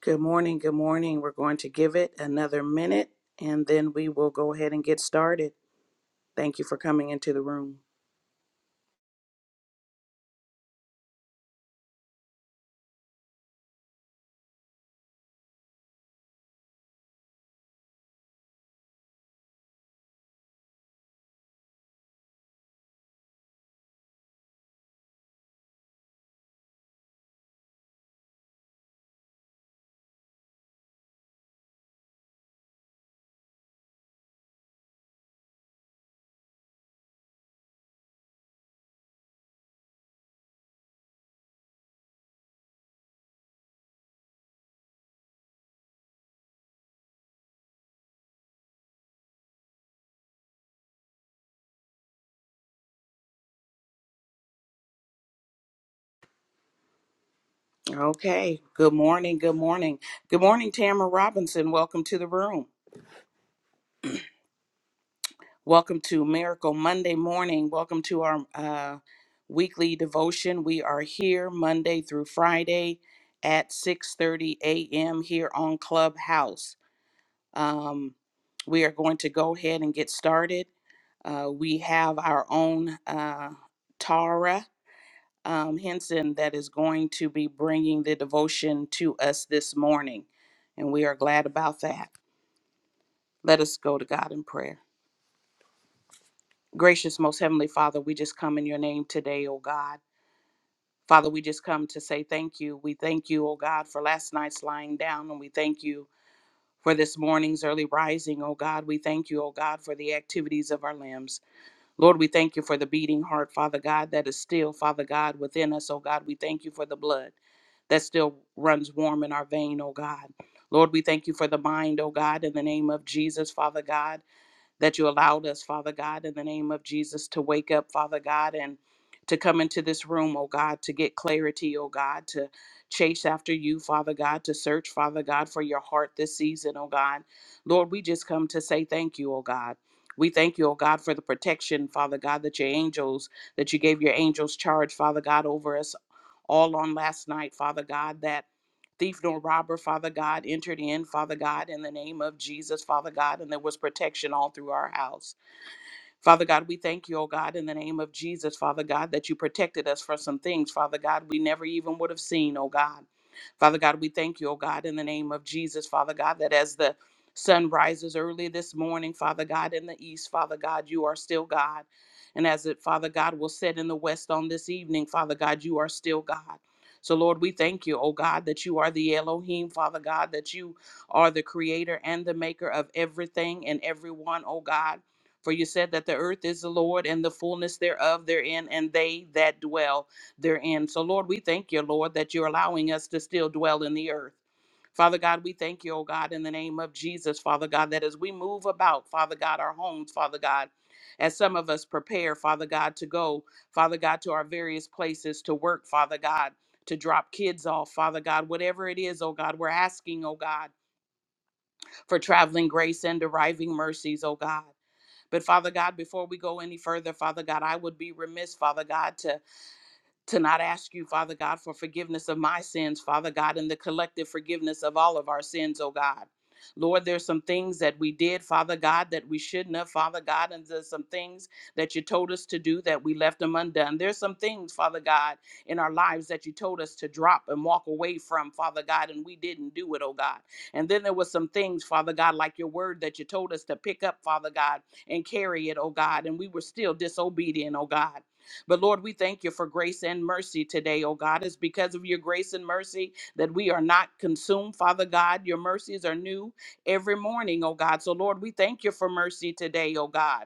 Good morning. Good morning. We're going to give it another minute and then we will go ahead and get started. Thank you for coming into the room. Okay. Good morning. Good morning. Good morning, Tamara Robinson. Welcome to the room. Welcome to Miracle Monday morning. Welcome to our uh, weekly devotion. We are here Monday through Friday at 6:30 a.m. here on Clubhouse. Um, we are going to go ahead and get started. Uh, we have our own uh, Tara um, Henson that is going to be bringing the devotion to us this morning, and we are glad about that. Let us go to God in prayer. Gracious, most heavenly Father, we just come in your name today, O God. Father, we just come to say thank you. We thank you, O God, for last night's lying down, and we thank you for this morning's early rising, O God. We thank you, O God, for the activities of our limbs. Lord, we thank you for the beating heart, Father God, that is still, Father God, within us. Oh God, we thank you for the blood that still runs warm in our vein, oh God. Lord, we thank you for the mind, oh God, in the name of Jesus, Father God that you allowed us, Father God, in the name of Jesus, to wake up, Father God, and to come into this room, oh God, to get clarity, oh God, to chase after you, Father God, to search, Father God, for your heart this season, oh God. Lord, we just come to say thank you, oh God. We thank you, oh God, for the protection, Father God, that your angels, that you gave your angels charge, Father God, over us, all on last night, Father God, that thief nor robber, Father God, entered in, Father God, in the name of Jesus, Father God, and there was protection all through our house. Father God, we thank you, oh God, in the name of Jesus, Father God, that you protected us from some things, Father God, we never even would have seen, oh God. Father God, we thank you, oh God, in the name of Jesus, Father God, that as the sun rises early this morning, Father God, in the east, Father God, you are still God. And as it, Father God, will set in the west on this evening, Father God, you are still God. So, Lord, we thank you, oh God, that you are the Elohim, Father God, that you are the creator and the maker of everything and everyone, oh God. For you said that the earth is the Lord and the fullness thereof therein, and they that dwell therein. So, Lord, we thank you, Lord, that you're allowing us to still dwell in the earth. Father God, we thank you, oh God, in the name of Jesus, Father God, that as we move about, Father God, our homes, Father God, as some of us prepare, Father God, to go, Father God, to our various places to work, Father God, to drop kids off, Father God, whatever it is, oh God, we're asking, oh God, for traveling grace and deriving mercies, oh God. But Father God, before we go any further, Father God, I would be remiss, Father God, to to not ask you, Father God, for forgiveness of my sins, Father God, and the collective forgiveness of all of our sins, oh God. Lord, there's some things that we did, Father God, that we shouldn't have, Father God, and there's some things that you told us to do that we left them undone. There's some things, Father God, in our lives that you told us to drop and walk away from, Father God, and we didn't do it, oh God. And then there was some things, Father God, like your word that you told us to pick up, Father God, and carry it, oh God, and we were still disobedient, oh God. But Lord, we thank you for grace and mercy today, oh God. It's because of your grace and mercy that we are not consumed, Father God. Your mercies are new every morning, oh God. So, Lord, we thank you for mercy today, oh God.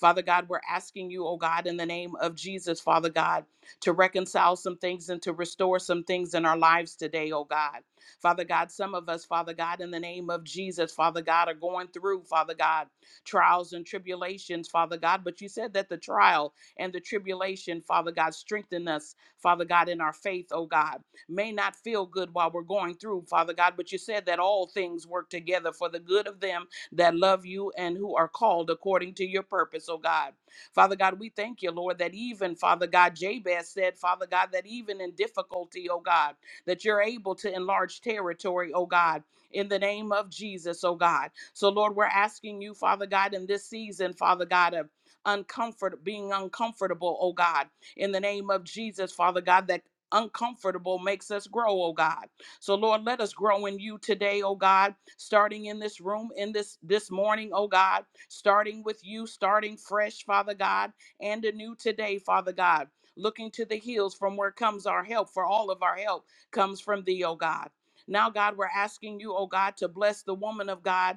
Father God, we're asking you, oh God, in the name of Jesus, Father God, to reconcile some things and to restore some things in our lives today, oh God. Father God, some of us, Father God, in the name of Jesus, Father God, are going through, Father God, trials and tribulations, Father God. But you said that the trials and the tribulation, Father God. Strengthen us, Father God, in our faith, oh God. May not feel good while we're going through, Father God, but you said that all things work together for the good of them that love you and who are called according to your purpose, oh God. Father God, we thank you, Lord, that even, Father God, Jabez said, Father God, that even in difficulty, oh God, that you're able to enlarge territory, oh God, in the name of Jesus, oh God. So, Lord, we're asking you, Father God, in this season, Father God, of uncomfort being uncomfortable, oh God, in the name of Jesus, Father God, that uncomfortable makes us grow, oh God. So Lord, let us grow in you today, oh God, starting in this room in this this morning, oh God, starting with you, starting fresh, Father God, and anew today, Father God. Looking to the hills from where comes our help, for all of our help comes from thee, oh God. Now, God, we're asking you, oh God, to bless the woman of God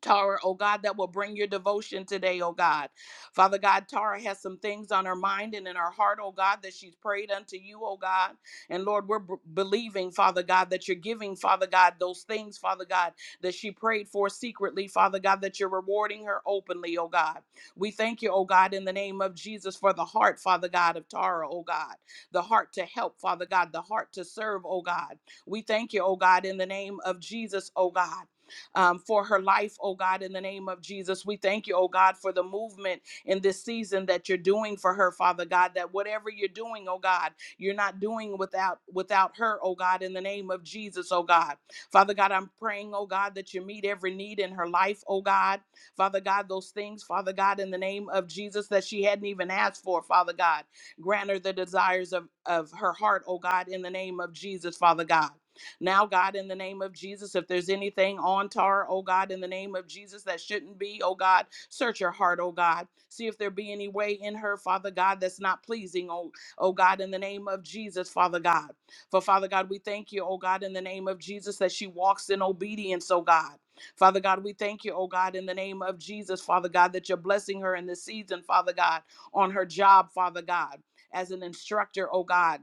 Tara, oh God, that will bring your devotion today, oh God. Father God, Tara has some things on her mind and in her heart, oh God, that she's prayed unto you, oh God. And Lord, we're b- believing, Father God, that you're giving, Father God, those things, Father God, that she prayed for secretly, Father God, that you're rewarding her openly, oh God. We thank you, oh God, in the name of Jesus for the heart, Father God, of Tara, oh God. The heart to help, Father God, the heart to serve, oh God. We thank you, oh God, in the name of Jesus, oh God um, for her life, oh God, in the name of Jesus. We thank you, oh God, for the movement in this season that you're doing for her, Father God, that whatever you're doing, oh God, you're not doing without without her, oh God, in the name of Jesus, oh God. Father God, I'm praying, oh God, that you meet every need in her life, oh God. Father God, those things, Father God, in the name of Jesus that she hadn't even asked for, Father God. Grant her the desires of, of her heart, oh God, in the name of Jesus, Father God. Now, God, in the name of Jesus, if there's anything on Tara, oh God, in the name of Jesus, that shouldn't be, oh God, search her heart, oh God. See if there be any way in her, Father God, that's not pleasing, oh, oh God, in the name of Jesus, Father God. For Father God, we thank you, oh God, in the name of Jesus, that she walks in obedience, oh God. Father God, we thank you, oh God, in the name of Jesus, Father God, that you're blessing her in this season, Father God, on her job, Father God, as an instructor, oh God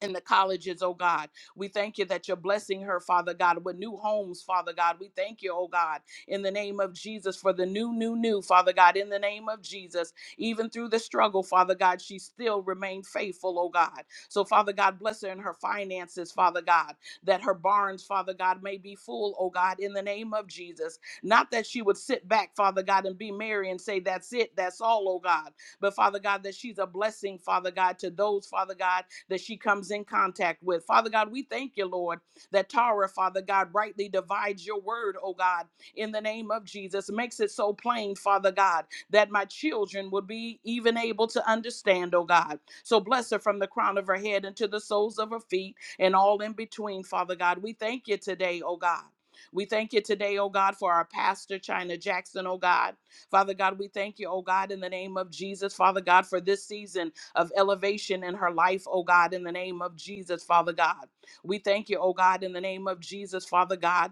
in the colleges, oh God. We thank you that you're blessing her, Father God, with new homes, Father God. We thank you, oh God, in the name of Jesus for the new, new, new, Father God, in the name of Jesus. Even through the struggle, Father God, she still remained faithful, oh God. So, Father God, bless her in her finances, Father God, that her barns, Father God, may be full, oh God, in the name of Jesus. Not that she would sit back, Father God, and be merry and say, That's it, that's all, oh God. But, Father God, that she's a blessing, Father God, to those, Father God that she comes in contact with. Father God, we thank you, Lord, that Tara, Father God, rightly divides your word, oh God, in the name of Jesus. Makes it so plain, Father God, that my children would be even able to understand, oh God. So bless her from the crown of her head and to the soles of her feet and all in between, Father God. We thank you today, oh God. We thank you today, oh God, for our pastor, China Jackson, oh God. Father God, we thank you, oh God, in the name of Jesus, Father God, for this season of elevation in her life, oh God, in the name of Jesus, Father God. We thank you, oh God, in the name of Jesus, Father God,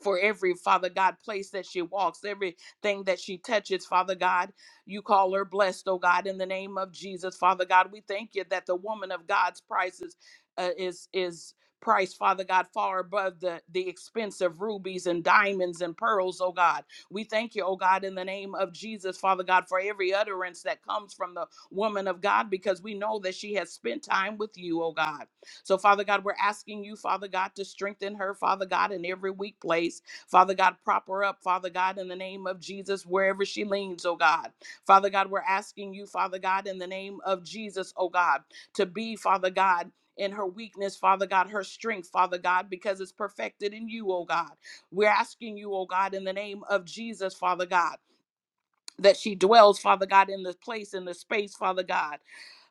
for every father god place that she walks everything that she touches father god you call her blessed oh god in the name of jesus father god we thank you that the woman of god's price is uh, is is price father god far above the the expense of rubies and diamonds and pearls oh god we thank you oh god in the name of jesus father god for every utterance that comes from the woman of god because we know that she has spent time with you oh god so, Father God, we're asking you, Father God, to strengthen her, Father God, in every weak place. Father God, prop her up, Father God, in the name of Jesus, wherever she leans, oh God. Father God, we're asking you, Father God, in the name of Jesus, oh God, to be, Father God, in her weakness, Father God, her strength, Father God, because it's perfected in you, oh God. We're asking you, oh God, in the name of Jesus, Father God that she dwells, Father God, in this place, in this space, Father God.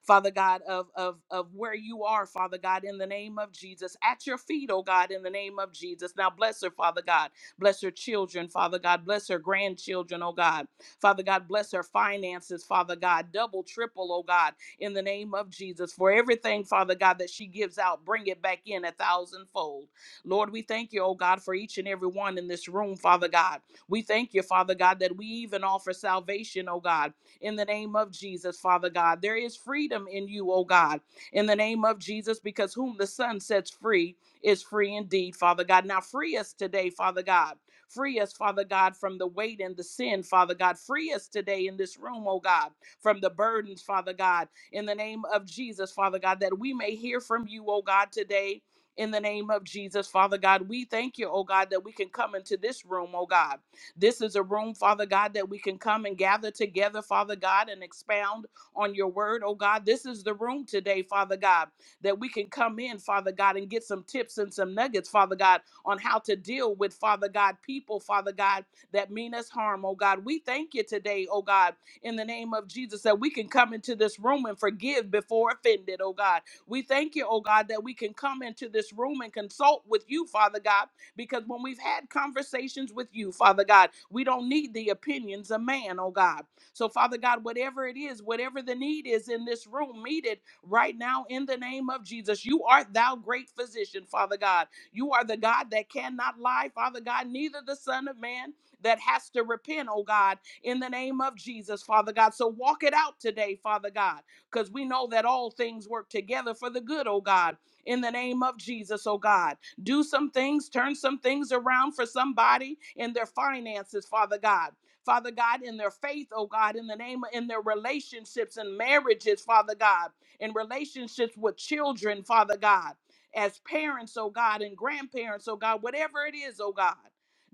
Father God, of, of, of where you are, Father God, in the name of Jesus, at your feet, oh God, in the name of Jesus. Now bless her, Father God. Bless her children, Father God. Bless her grandchildren, oh God. Father God, bless her finances, Father God. Double, triple, oh God, in the name of Jesus. For everything, Father God, that she gives out, bring it back in a thousandfold. Lord, we thank you, oh God, for each and every one in this room, Father God. We thank you, Father God, that we even offer salvation, oh God, in the name of Jesus, Father God. There is freedom in you, oh God, in the name of Jesus, because whom the Son sets free is free indeed, Father God. Now free us today, Father God. Free us, Father God, from the weight and the sin, Father God. Free us today in this room, oh God, from the burdens, Father God, in the name of Jesus, Father God, that we may hear from you, oh God, today. In the name of Jesus, Father God, we thank you, oh God, that we can come into this room, oh God. This is a room, Father God, that we can come and gather together, Father God, and expound on your word, oh God. This is the room today, Father God, that we can come in, Father God, and get some tips and some nuggets, Father God, on how to deal with, Father God, people, Father God, that mean us harm, oh God. We thank you today, oh God, in the name of Jesus, that we can come into this room and forgive before offended, oh God. We thank you, oh God, that we can come into this room and consult with you, Father God because when we've had conversations with you, Father God, we don't need the opinions of man, oh God. So, Father God, whatever it is, whatever the need is in this room, meet it right now in the name of Jesus. You art thou great physician, Father God. You are the God that cannot lie, Father God, neither the Son of Man that has to repent, oh God, in the name of Jesus, Father God. So walk it out today, Father God, because we know that all things work together for the good, oh God, in the name of Jesus, oh God do some things, turn some things around for somebody in their finances, Father God. Father God, in their faith, oh God, in the name of in their relationships and marriages, Father God, in relationships with children, Father God, as parents, oh God, and grandparents, oh God, whatever it is, oh God.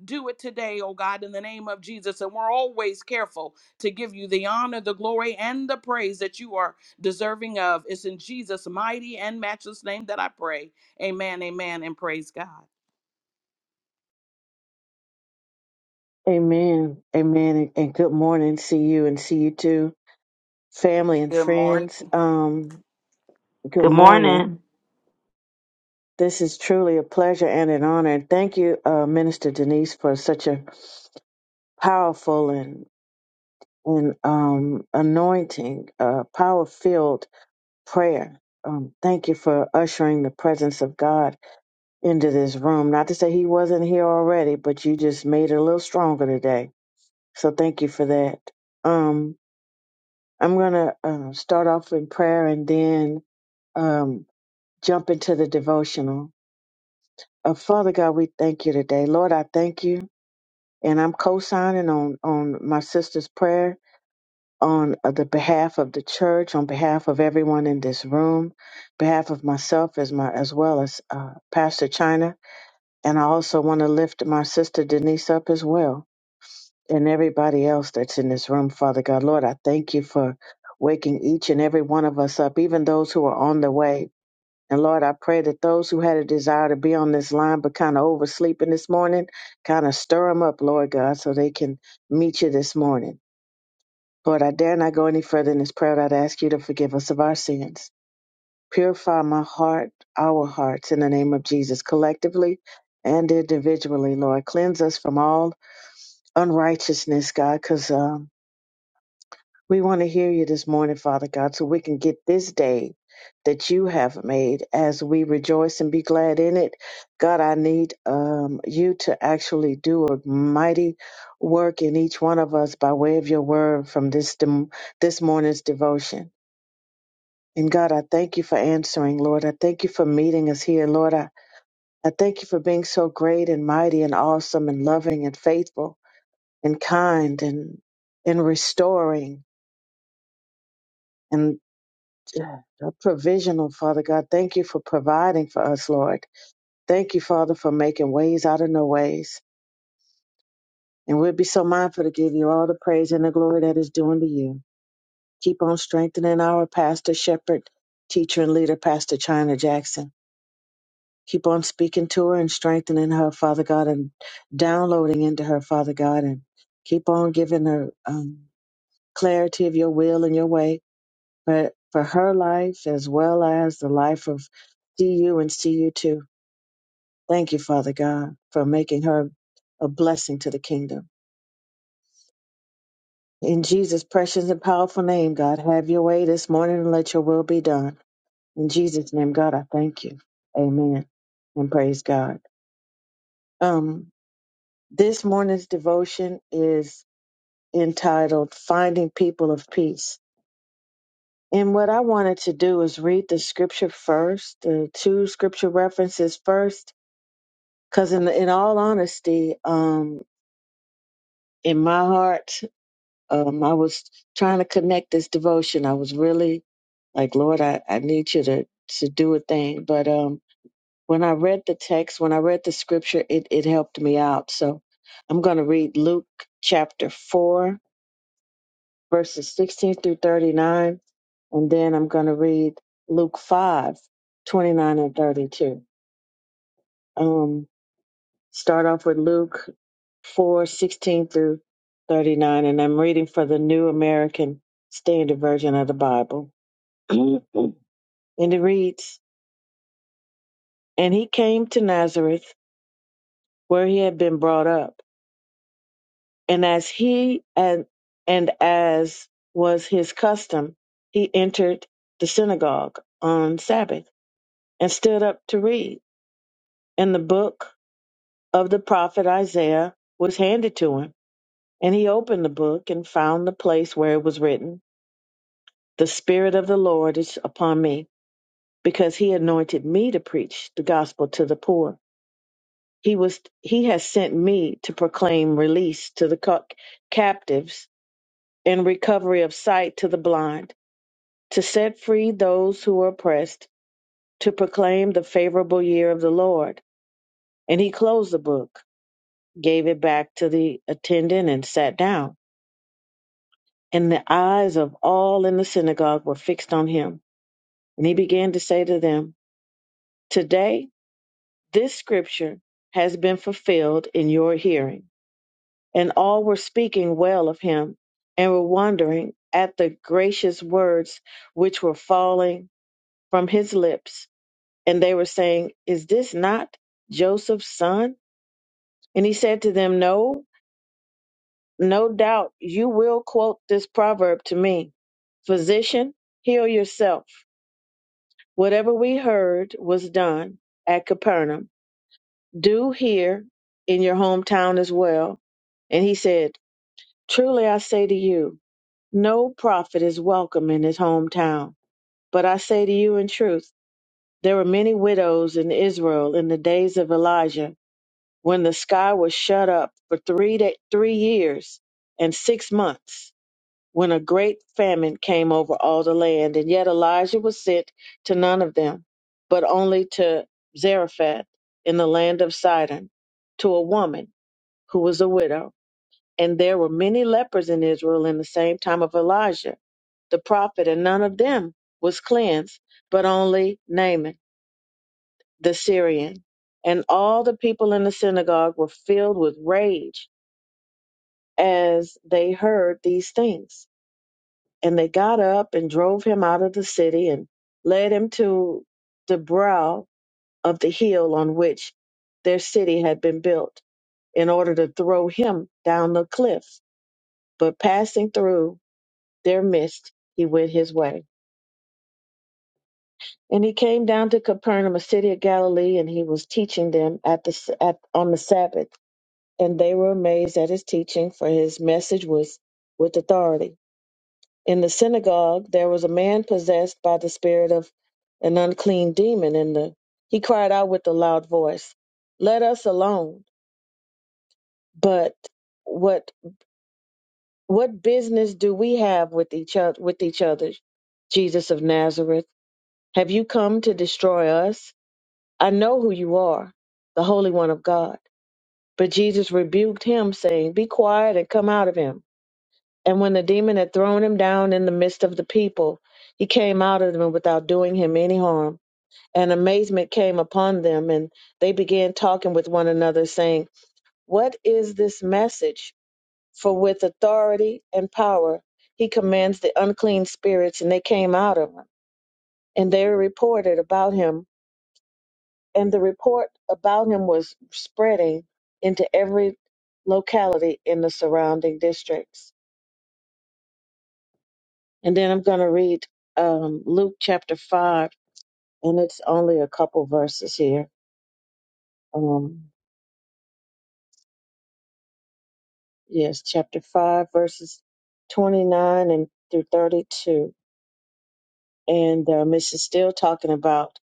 Do it today, oh God, in the name of Jesus. And we're always careful to give you the honor, the glory, and the praise that you are deserving of. It's in Jesus' mighty and matchless name that I pray. Amen, amen, and praise God. Amen. Amen. And and good morning. See you and see you too. Family and Good morning. friends. Um, good Good morning. morning. This is truly a pleasure and an honor. And thank you, uh, Minister Denise, for such a powerful and and um, anointing, uh, power filled prayer. Um, thank you for ushering the presence of God into this room. Not to say He wasn't here already, but you just made it a little stronger today. So thank you for that. Um, I'm going to uh, start off in prayer and then um, jump into the devotional. Uh, Father God, we thank you today. Lord, I thank you. And I'm co signing on, on my sister's prayer on uh, the behalf of the church, on behalf of everyone in this room, behalf of myself as, my, as well as uh, Pastor China. And I also want to lift my sister Denise up as well. and everybody else that's in this room, Father God. Lord, I thank you for waking each and every one of us up, even those who are on the way. And Lord, I pray that those who had a desire to be on this line but kind of oversleeping this morning, kind of stir them up, Lord God, so they can meet you this morning. Lord, I dare not go any further in this prayer. I'd ask you to forgive us of our sins. Purify my heart, our hearts, in the name of Jesus, collectively and individually, Lord. Cleanse us from all unrighteousness, God, because We want to hear you this morning, Father God, so we can get this day that you have made as we rejoice and be glad in it. God, I need um, you to actually do a mighty work in each one of us by way of your word from this dem- this morning's devotion. And God, I thank you for answering, Lord. I thank you for meeting us here, Lord. I, I thank you for being so great and mighty and awesome and loving and faithful and kind and and restoring The provisional, Father God. Thank you for providing for us, Lord. Thank you, Father, for making ways out of no ways. And we'll be so mindful to give you all the praise and the glory that is due unto you. Keep on strengthening our pastor, shepherd, teacher, and leader, Pastor China Jackson. Keep on speaking to her and strengthening her, Father God, and downloading into her, Father God, and keep on giving her um, clarity of your will and your way for, for her life as well as the life of CU and CU2. Thank you, Father God, for making her a blessing to the kingdom. In Jesus' precious and powerful name, God, have your way this morning and let your will be done. In Jesus' name, God, I thank you. Amen. And praise God. Um, this morning's devotion is entitled Finding People of Peace. And what I wanted to do is read the scripture first, the two scripture references first, Because in in all honesty, um, in my heart, um, I was trying to connect this devotion. I was really like, Lord, I, I need you to to do a thing. But um, when I read the text, when I read the scripture, it it helped me out. So I'm going to read Luke chapter four, verses 16 through 39, and then I'm going to read Luke 5, 29 and 32. Um, Start off with Luke four sixteen through 39, and I'm reading for the New American Standard Version of the Bible. and it reads, And he came to Nazareth, where he had been brought up. And as he and, and as was his custom, he entered the synagogue on Sabbath and stood up to read. And the book of the prophet Isaiah was handed to him. And he opened the book and found the place where it was written, The Spirit of the Lord is upon me, because he anointed me to preach the gospel to the poor. He was he has sent me to proclaim release to the ca- captives and recovery of sight to the blind, to set free those who are oppressed, to proclaim the favorable year of the Lord. And he closed the book, gave it back to the attendant and sat down. And the eyes of all in the synagogue were fixed on him. And he began to say to them, Today this scripture has been fulfilled in your hearing. And all were speaking well of him and were wondering at the gracious words which were falling from his lips. And they were saying, Is this not Joseph's son? And he said to them, No, no doubt you will quote this proverb to me: 'Physician, heal yourself. Whatever we heard was done at Capernaum do here in your hometown as well. And he said, Truly I say to you, no prophet is welcome in his hometown. But I say to you in truth, there were many widows in Israel in the days of Elijah, when the sky was shut up for three, da- three years and six months, when a great famine came over all the land. And yet Elijah was sent to none of them, but only to Zarephath in the land of Sidon, to a woman who was a widow, and there were many lepers in Israel in the same time of Elijah, the prophet, and none of them was cleansed, but only Naaman the Syrian. And all the people in the synagogue were filled with rage as they heard these things. And they got up and drove him out of the city and led him to the brow of the hill on which their city had been built in order to throw him down the cliff. But passing through their midst he went his way. And he came down to Capernaum, a city of Galilee, and he was teaching them at the at, on the Sabbath. And they were amazed at his teaching, for his message was with authority. In the synagogue there was a man possessed by the spirit of an unclean demon, and the, he cried out with a loud voice, "Let us alone! But what what business do we have with each other? With each other, Jesus of Nazareth, have you come to destroy us?" I know who you are, the Holy One of God. But Jesus rebuked him, saying, Be quiet and come out of him. And when the demon had thrown him down in the midst of the people, he came out of them without doing him any harm. And amazement came upon them, and they began talking with one another, saying, What is this message? For with authority and power he commands the unclean spirits, and they came out of him. And they reported about him and the report about him was spreading into every locality in the surrounding districts. And then I'm going to read um, Luke chapter 5, and it's only a couple verses here. Um, yes, chapter 5, verses 29 and through 32. And um, this is still talking about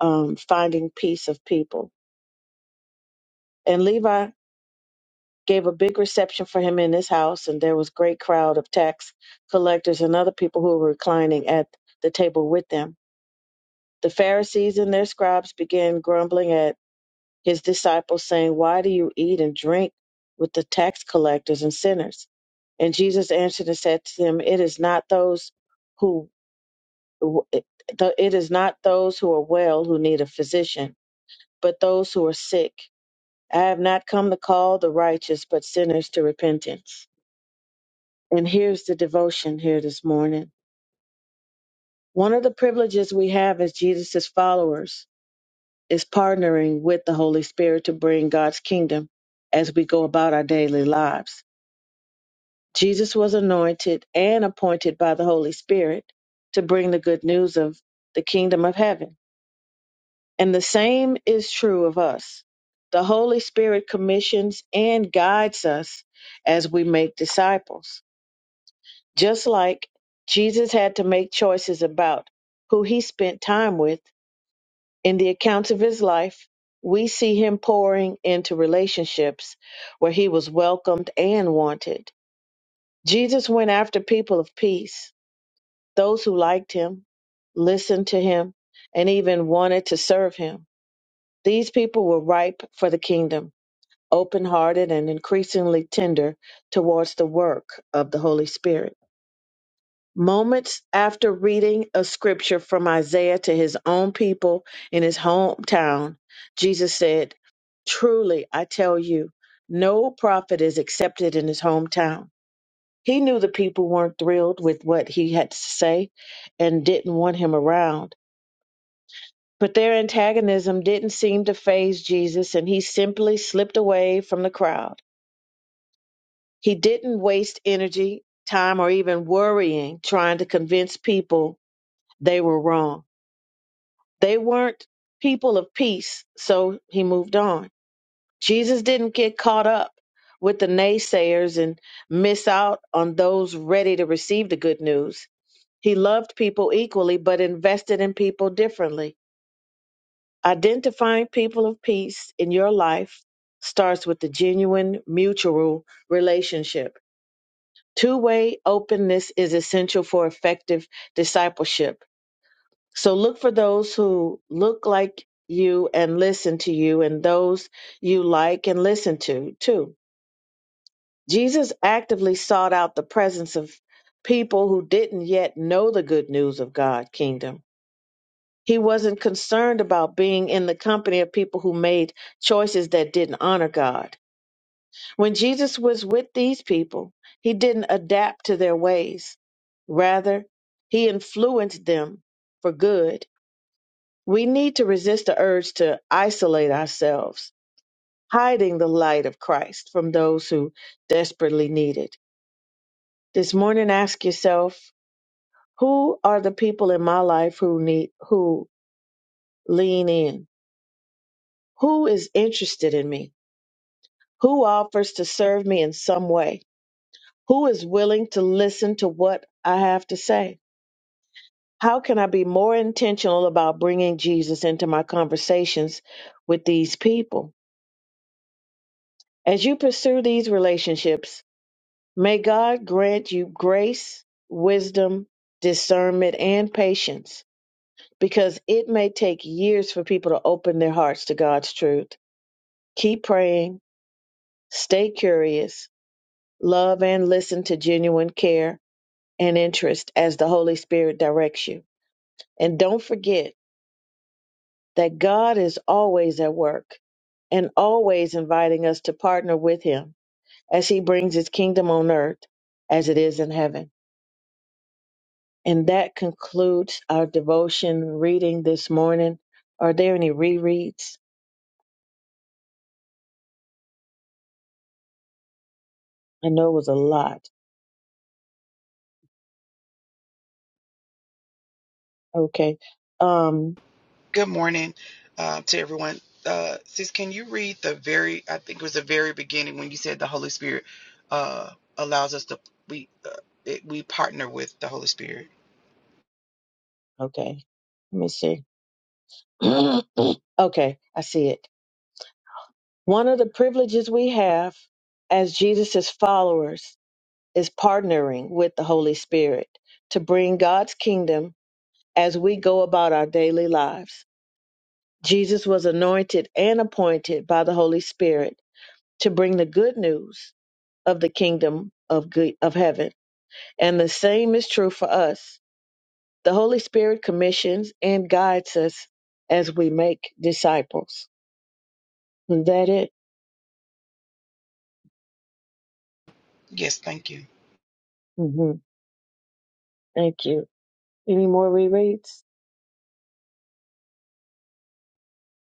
um, finding peace of people. And Levi gave a big reception for him in his house, and there was great crowd of tax collectors and other people who were reclining at the table with them. The Pharisees and their scribes began grumbling at his disciples, saying, Why do you eat and drink with the tax collectors and sinners? And Jesus answered and said to them, It is not those who it it is not those who are well who need a physician, but those who are sick. I have not come to call the righteous, but sinners to repentance. And here's the devotion here this morning. One of the privileges we have as Jesus' followers is partnering with the Holy Spirit to bring God's kingdom as we go about our daily lives. Jesus was anointed and appointed by the Holy Spirit to bring the good news of the kingdom of heaven. And the same is true of us. The Holy Spirit commissions and guides us as we make disciples. Just like Jesus had to make choices about who he spent time with, in the accounts of his life, we see him pouring into relationships where he was welcomed and wanted. Jesus went after people of peace, those who liked him, listened to him, and even wanted to serve him. These people were ripe for the kingdom, open hearted and increasingly tender towards the work of the Holy Spirit. Moments after reading a scripture from Isaiah to his own people in his hometown, Jesus said, Truly, I tell you, no prophet is accepted in his hometown. He knew the people weren't thrilled with what he had to say and didn't want him around. But their antagonism didn't seem to faze Jesus, and he simply slipped away from the crowd. He didn't waste energy, time, or even worrying trying to convince people they were wrong. They weren't people of peace, so he moved on. Jesus didn't get caught up with the naysayers and miss out on those ready to receive the good news. He loved people equally, but invested in people differently. Identifying people of peace in your life starts with the genuine mutual relationship. Two way openness is essential for effective discipleship So look for those who look like you and listen to you, and those you like and listen to too. Jesus actively sought out the presence of people who didn't yet know the good news of God's kingdom. He wasn't concerned about being in the company of people who made choices that didn't honor God. When Jesus was with these people, he didn't adapt to their ways. Rather, he influenced them for good We need to resist the urge to isolate ourselves, hiding the light of Christ from those who desperately need it. This morning ask yourself, who are the people in my life who need who lean in? Who is interested in me? Who offers to serve me in some way? Who is willing to listen to what I have to say? How can I be more intentional about bringing Jesus into my conversations with these people? As you pursue these relationships, May God grant you grace, wisdom, discernment, and patience, because it may take years for people to open their hearts to God's truth. Keep praying, stay curious, love and listen to genuine care and interest as the Holy Spirit directs you. And don't forget that God is always at work and always inviting us to partner with Him as He brings His kingdom on earth as it is in heaven. And that concludes our devotion reading this morning. Are there any rereads? I know it was a lot. Okay. Um, Good morning uh, to everyone. Uh, sis, can you read the very, I think it was the very beginning when you said the Holy Spirit uh, allows us to, we, uh, it, we partner with the Holy Spirit. okay. Let me see. okay, I see it. One of the privileges we have as Jesus' followers is partnering with the Holy Spirit to bring God's kingdom as we go about our daily lives. Jesus was anointed and appointed by the Holy Spirit to bring the good news of the kingdom of good of heaven. And the same is true for us. The Holy Spirit commissions and guides us as we make disciples. Is that it? Yes, thank you. hmm Thank you. Any more rereads?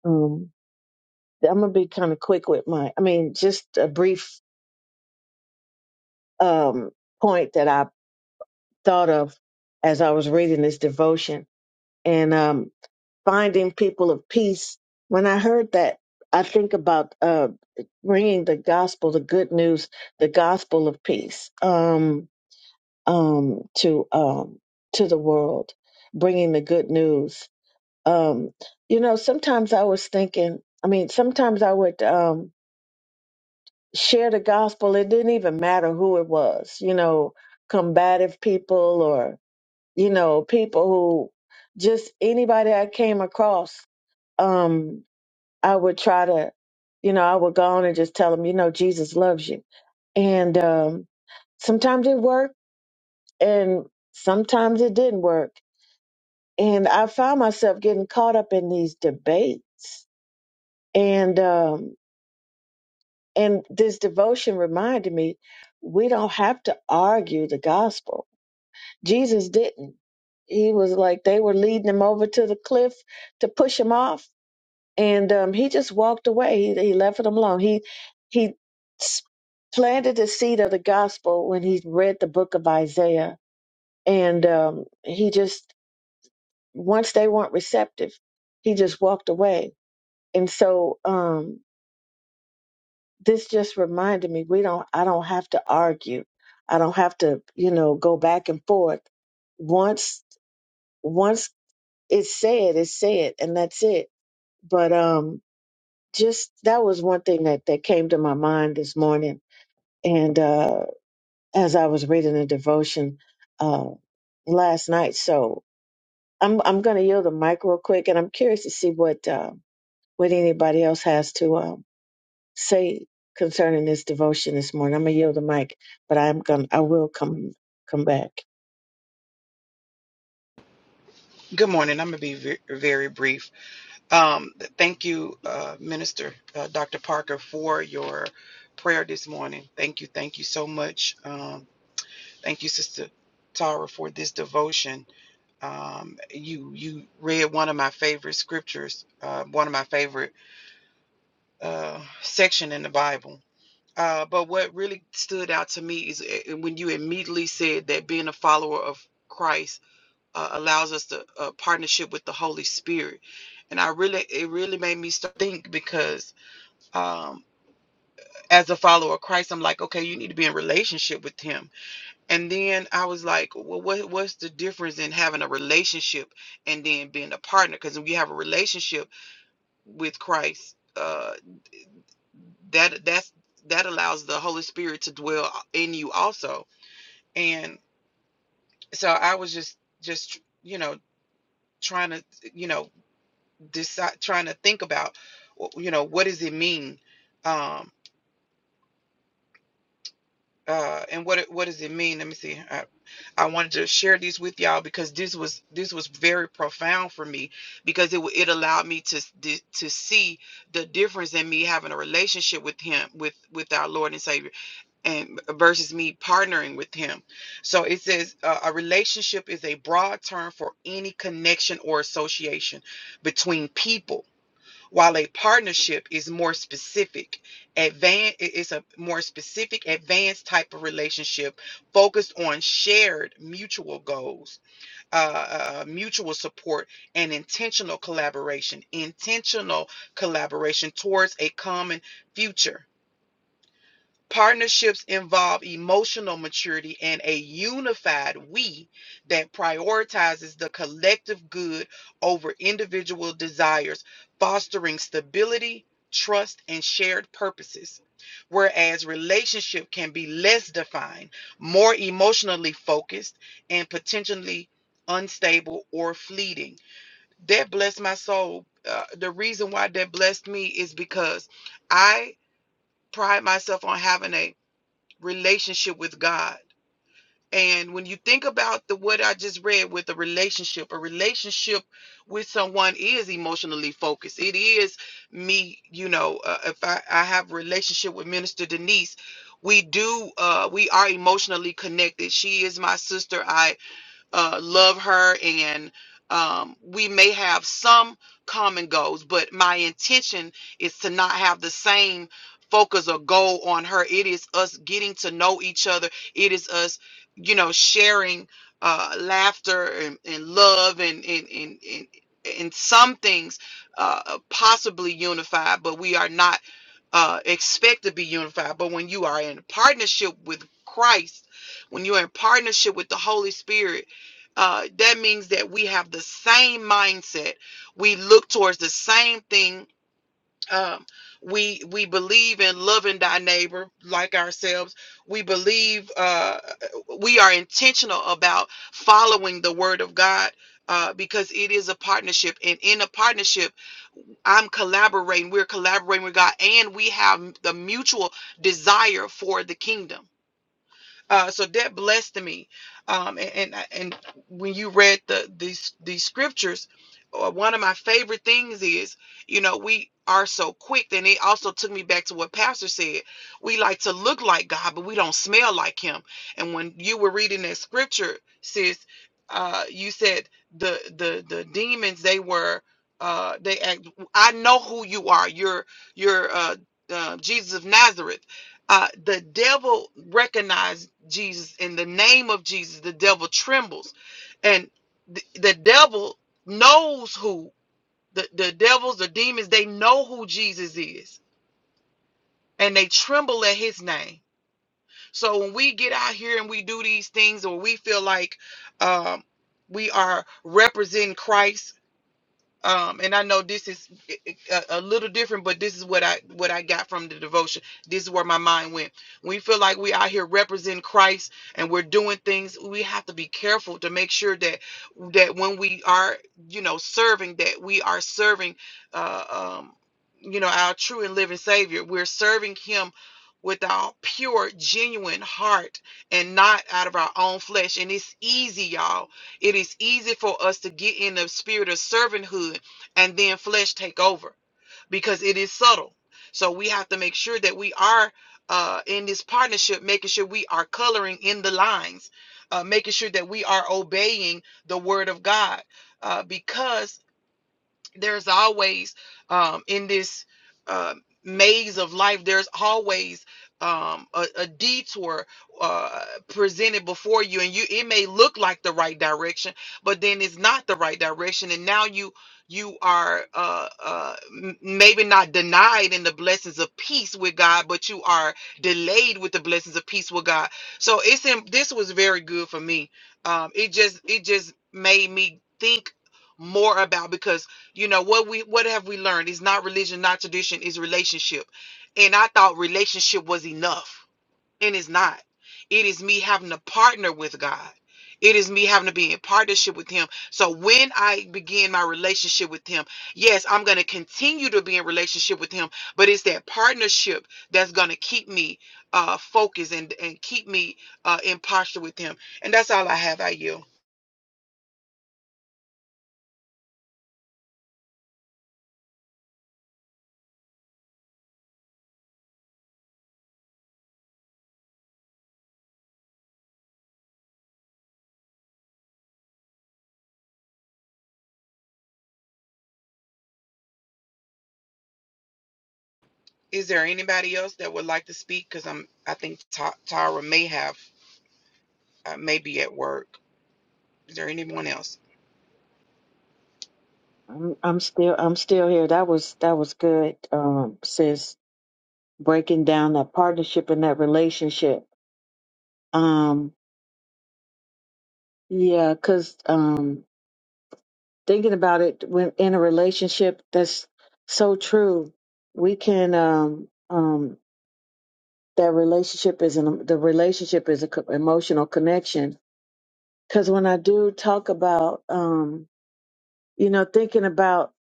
Um, I'm gonna be kind of quick with my. I mean, just a brief um, point that I thought of as I was reading this devotion, and um, finding people of peace. When I heard that, I think about uh, bringing the gospel, the good news, the gospel of peace um, um, to um, to the world, bringing the good news. Um, you know, sometimes I was thinking. I mean, sometimes I would um, share the gospel. It didn't even matter who it was. You know, combative people or you know people who just anybody I came across. Um, I would try to, you know, I would go on and just tell them, you know, Jesus loves you. And um, sometimes it worked and sometimes it didn't work. And I found myself getting caught up in these debates. And um, and this devotion reminded me we don't have to argue the gospel. Jesus didn't. He was like they were leading him over to the cliff to push him off and um, he just walked away. He, he left it alone. He he s- planted the seed of the gospel when he read the book of Isaiah, and um, he just once they weren't receptive, he just walked away. And so um, this just reminded me we don't I don't have to argue. I don't have to you know go back and forth. Once once it's said, it's said, and that's it. But um, just that was one thing that, that came to my mind this morning. And uh, as I was reading the devotion uh, last night, so I'm I'm going to yield the mic real quick, and I'm curious to see what uh, what anybody else has to um, say concerning this devotion this morning. I'm going to yield the mic, but I'm going to I will come come back. Good morning. I'm going to be very, very brief. Um, th- thank you, uh, Minister uh, Dr. Parker, for your prayer this morning. Thank you. Thank you so much. Um, Thank you, Sister Tara, for this devotion. Um, you you read one of my favorite scriptures, uh, one of my favorite uh, section in the Bible. Uh, but what really stood out to me is uh, when you immediately said that being a follower of Christ uh, allows us to uh, partnership with the Holy Spirit, and I really it really made me start think because um, as a follower of Christ, I'm like, okay, you need to be in relationship with Him And then I was like, well, what, what's the difference in having a relationship and then being a partner? Because when you have a relationship with Christ, uh, that that's that allows the Holy Spirit to dwell in you also. And so I was just just you know trying to you know decide trying to think about you know what does it mean um, uh and what it, what does it mean let me see I, I wanted to share these with y'all because this was this was very profound for me because it wa- it allowed me to s- di- to see the difference in me having a relationship with him with with our Lord and Savior and versus me partnering with him so it says uh, a relationship is a broad term for any connection or association between people while a partnership is more specific advanced it's a more specific advanced type of relationship focused on shared mutual goals uh, uh, uh, mutual support and intentional collaboration intentional collaboration towards a common future Partnerships involve emotional maturity and a unified we that prioritizes the collective good over individual desires, fostering stability, trust, and shared purposes. Whereas relationship can be less defined, more emotionally focused, and potentially unstable or fleeting. That blessed my soul. Uh, the reason why that blessed me is because I pride myself on having a relationship with God. And when you think about the what I just read with a relationship, a relationship with someone is emotionally focused. It is me, you know. Uh, if I, I have a relationship with Minister Denise, we do. Uh, we are emotionally connected. She is my sister. I uh, love her and um, we may have some common goals but my intention is to not have the same focus or goal on her it is us getting to know each other it is us you know sharing uh, laughter and, and love and and, and and and some things uh, possibly unified but we are not uh, expect to be unified but when you are in partnership with christ when you're in partnership with the holy spirit uh, that means that we have the same mindset. We look towards the same thing. Um, we we believe in loving thy neighbor like ourselves. We believe uh, we are intentional about following the word of God. Uh, because it is a partnership, and in a partnership, I'm collaborating. We're collaborating with God, and we have the mutual desire for the kingdom uh, so that blessed me. Um, and, and and when you read the these these scriptures, uh, one of my favorite things is, you know, we are so quick. And it also took me back to what Pastor said. We like to look like God, but we don't smell like Him. And when you were reading that scripture, sis, uh, you said the the the demons they were. Uh, they act. I know who you are. You're you're uh, uh, Jesus of Nazareth uh, the devil recognized Jesus in the name of Jesus. The devil trembles, and the, the devil knows who the, the devils, the demons, they know who Jesus is, and they tremble at his name. So when we get out here and we do these things, or we feel like um, we are representing Christ um and i know this is a, a little different but this is what i what i got from the devotion this is where my mind went we feel like we out here representing christ and we're doing things we have to be careful to make sure that that when we are you know serving that we are serving uh um you know our true and living savior we're serving him with our pure genuine heart and not out of our own flesh and it's easy y'all it is easy for us to get in the spirit of servanthood and then flesh take over because it is subtle. So we have to make sure that we are uh, in this partnership, making sure we are coloring in the lines, uh, making sure that we are obeying the word of God. Uh, because there's always um, in this uh, maze of life there's always um, a, a detour uh, presented before you and you it may look like the right direction but then it's not the right direction and now you you are uh, uh, m- maybe not denied in the blessings of peace with God, but you are delayed with the blessings of peace with God. So it's in, this was very good for me. Um, it just it just made me think more about because you know what we what have we learned? It's not religion, not tradition, it's relationship. And I thought relationship was enough, and it's not. It is me having to partner with God. It is me having to be in partnership with Him. So when I begin my relationship with Him, yes, I'm going to continue to be in relationship with Him, but it's that partnership that's going to keep me uh, focused and, and keep me uh, in posture with Him. And that's all I have. I yield. Is there anybody else that would like to speak? Because I'm, I think Ty- Tyra may have, uh, may be at work. Is there anyone else? I'm I'm still I'm still here. That was that was good, um, sis. Breaking down that partnership and that relationship. Yeah, because um, thinking about it, when in a relationship, that's so true. We can um, um, that relationship is an the relationship is an emotional connection. Because when I do talk about um, you know thinking about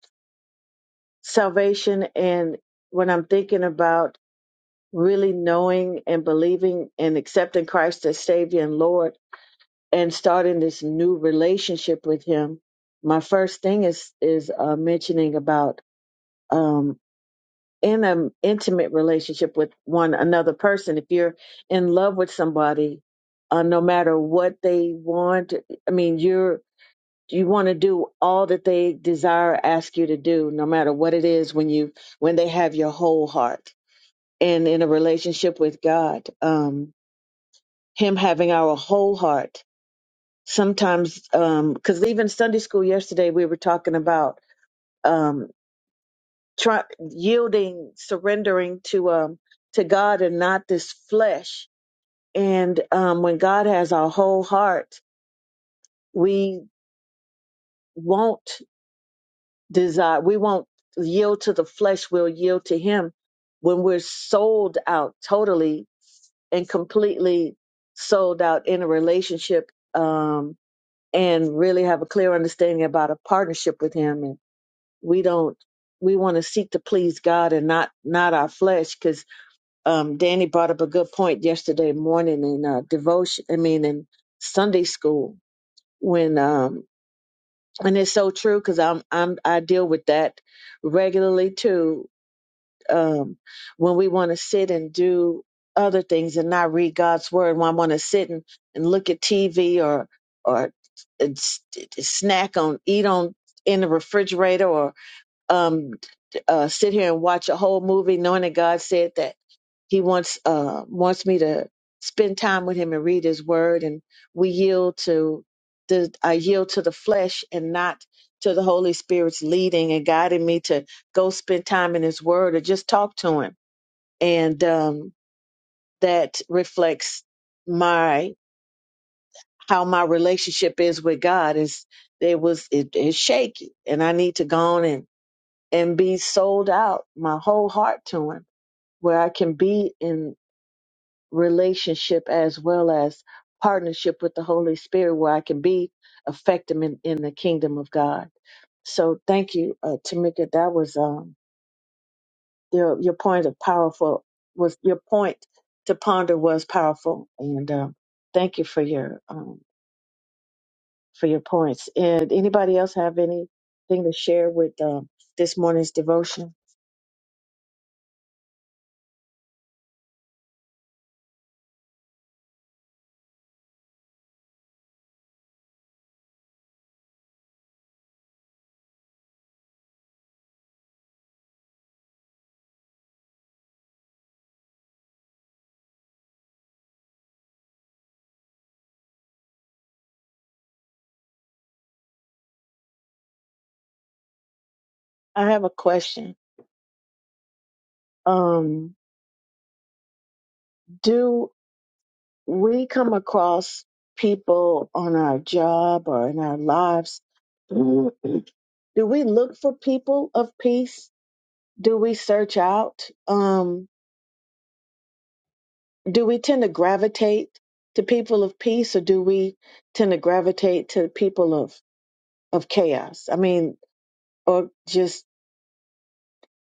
salvation and when I'm thinking about really knowing and believing and accepting Christ as Savior and Lord and starting this new relationship with him, my first thing is is uh, mentioning about um, in an intimate relationship with one another person. If you're in love with somebody, uh, no matter what they want, I mean, you're you want to do all that they desire, ask you to do, no matter what it is. When you when they have your whole heart, and in a relationship with God, um, Him having our whole heart sometimes um because even sunday school yesterday we were talking about um try, yielding surrendering to um to god and not this flesh and um when god has our whole heart we won't desire we won't yield to the flesh we'll yield to him when we're sold out totally and completely sold out in a relationship um and really have a clear understanding about a partnership with him we don't we want to seek to please God and not not our flesh because um Danny brought up a good point yesterday morning in uh devotion I mean in Sunday school when um and it's so true because I'm I'm I deal with that regularly too um when we want to sit and do other things and not read God's word when I want to sit and, and look at TV or or uh, s- snack on eat on in the refrigerator or um, uh, sit here and watch a whole movie knowing that God said that He wants uh, wants me to spend time with Him and read His Word, and we yield to the I yield to the flesh and not to the Holy Spirit's leading and guiding me to go spend time in His Word or just talk to Him, and um, that reflects my how my relationship is with God is it was it is shaky, and I need to go on and and be sold out my whole heart to him where i can be in relationship as well as partnership with the holy spirit where i can be effective in, in the kingdom of god so thank you uh, tamika that was um your, your point of powerful was your point to ponder was powerful and um thank you for your um for your points and anybody else have anything to share with um this morning's devotion i have a question um Do we come across people on our job or in our lives? Do we look for people of peace? Do we search out? Um, do we tend to gravitate to people of peace or do we tend to gravitate to people of, of chaos? I mean, or just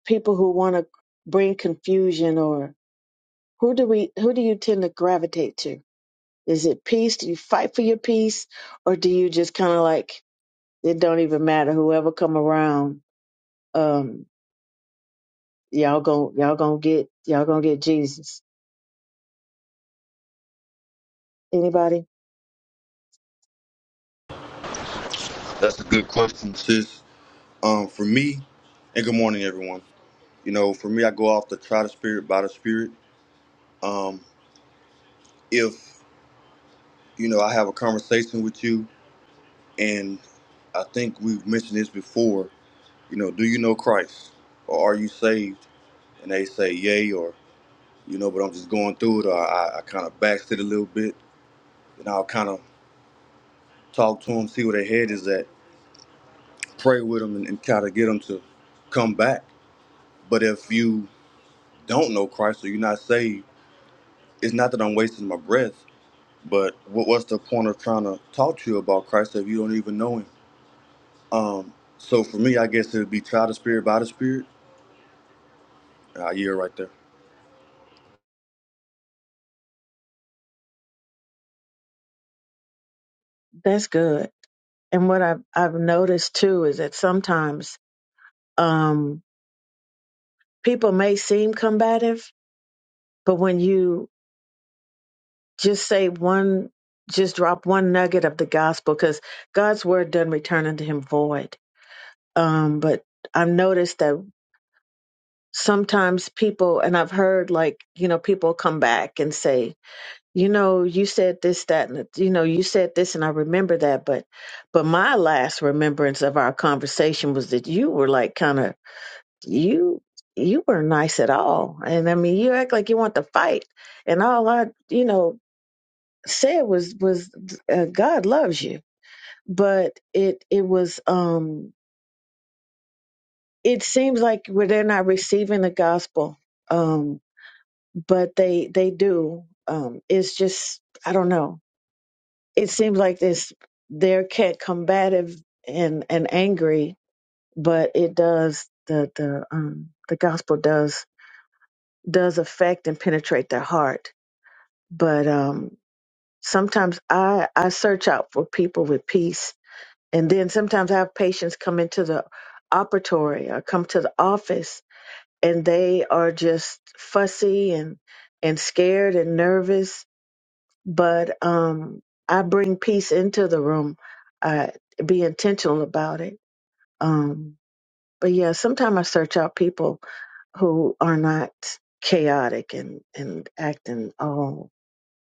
people who want to bring confusion or who do we who do you tend to gravitate to? Is it peace? Do you fight for your peace or do you just kind of like It don't even matter. Whoever come around, um, y'all gon' y'all gonna get y'all gonna get Jesus. Anybody? That's a good question, sis. Um, for me, and good morning, everyone. You know, for me, I go off the try the spirit by the spirit. Um, if you know, I have a conversation with you, and I think we've mentioned this before. You know, do you know Christ, or are you saved? And they say, yay, or you know, but I'm just going through it, or I, I kind of backslid a little bit, and I'll kind of talk to them, see where their head is at, pray with them, and, and kind of get them to come back. But if you don't know Christ or you're not saved it's not that I'm wasting my breath, but what, what's the point of trying to talk to you about Christ if you don't even know Him? Um, so for me, I guess it would be try the Spirit by the Spirit. Uh, yeah, right there. That's good. And what I've I've noticed too is that sometimes um people may seem combative, but when you just say one just drop one nugget of the gospel because God's word doesn't return unto him void. Um, but I've noticed that sometimes people and I've heard like, you know, people come back and say, you know, you said this, that, and the- you know, you said this, and I remember that. But, but my last remembrance of our conversation was that you were like kind of you, you were not nice at all, and I mean, you act like you want to fight, and all I, you know, said was was uh, God loves you, but it it was um it seems like where they're not receiving the gospel, um, but they they do. Um, it's just I don't know it seems like this they're cat combative and and angry, but it does the the um the gospel does does affect and penetrate their heart. But um sometimes I I search out for people with peace, and then sometimes I have patients come into the operatory or come to the office, and they are just fussy and and scared and nervous but um, I bring peace into the room. I be intentional about it. Um, but yeah, sometimes I search out people who are not chaotic and, and acting all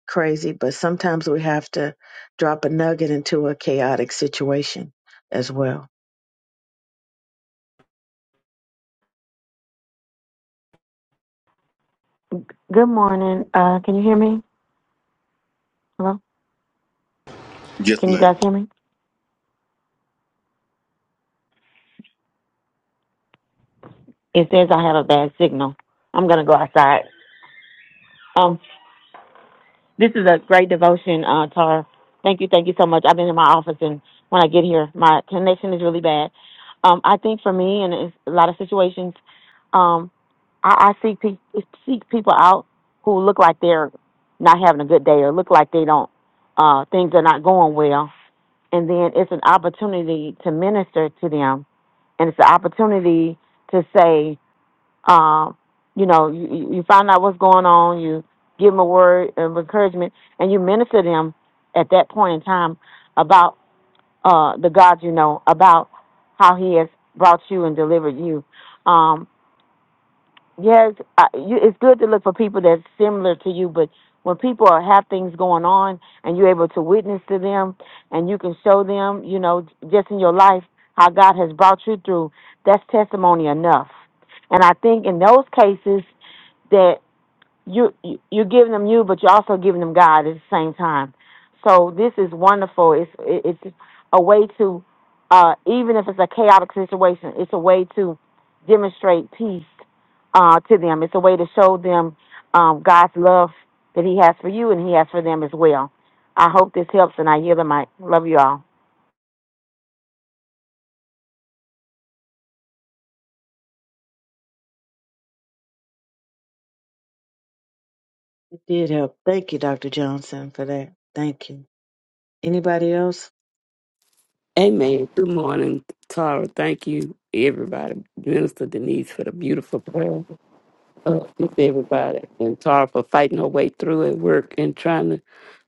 crazy, but sometimes we have to drop a nugget into a chaotic situation as well. Good morning. Uh, can you hear me? Hello? Yes, Can you ma'am. guys hear me? It says I have a bad signal. I'm gonna go outside. Um, this is a great devotion, uh, Tara. Thank you, thank you so much. I've been in my office, and when I get here, my connection is really bad. Um, I think for me, and it's a lot of situations, um, I, I seek pe- seek people out who look like they're not having a good day, or look like they don't, uh, things are not going well, and then it's an opportunity to minister to them and it's an opportunity to say, um, you know, you, you you find out what's going on, you give them a word of encouragement, and you minister to them at that point in time about uh, the God you know, about how He has brought you and delivered you. Um, Yes, I, you, it's good to look for people that's similar to you, but when people are, have things going on and you're able to witness to them and you can show them, you know, just in your life how God has brought you through, that's testimony enough. And I think in those cases, that you, you you're giving them you, but you're also giving them God at the same time. So this is wonderful. It's it- it's a way to, uh, even if it's a chaotic situation, it's a way to demonstrate peace uh, to them. It's a way to show them um, God's love that He has for you and He has for them as well. I hope this helps, and I yield the mic. Love you all. It did help. Thank you, Dr. Johnson, for that. Thank you. Anybody else? Amen. Good morning, Tara. Thank you, everybody. Minister Denise for the beautiful prayer uh, with everybody, and Tara for fighting her way through at work and trying to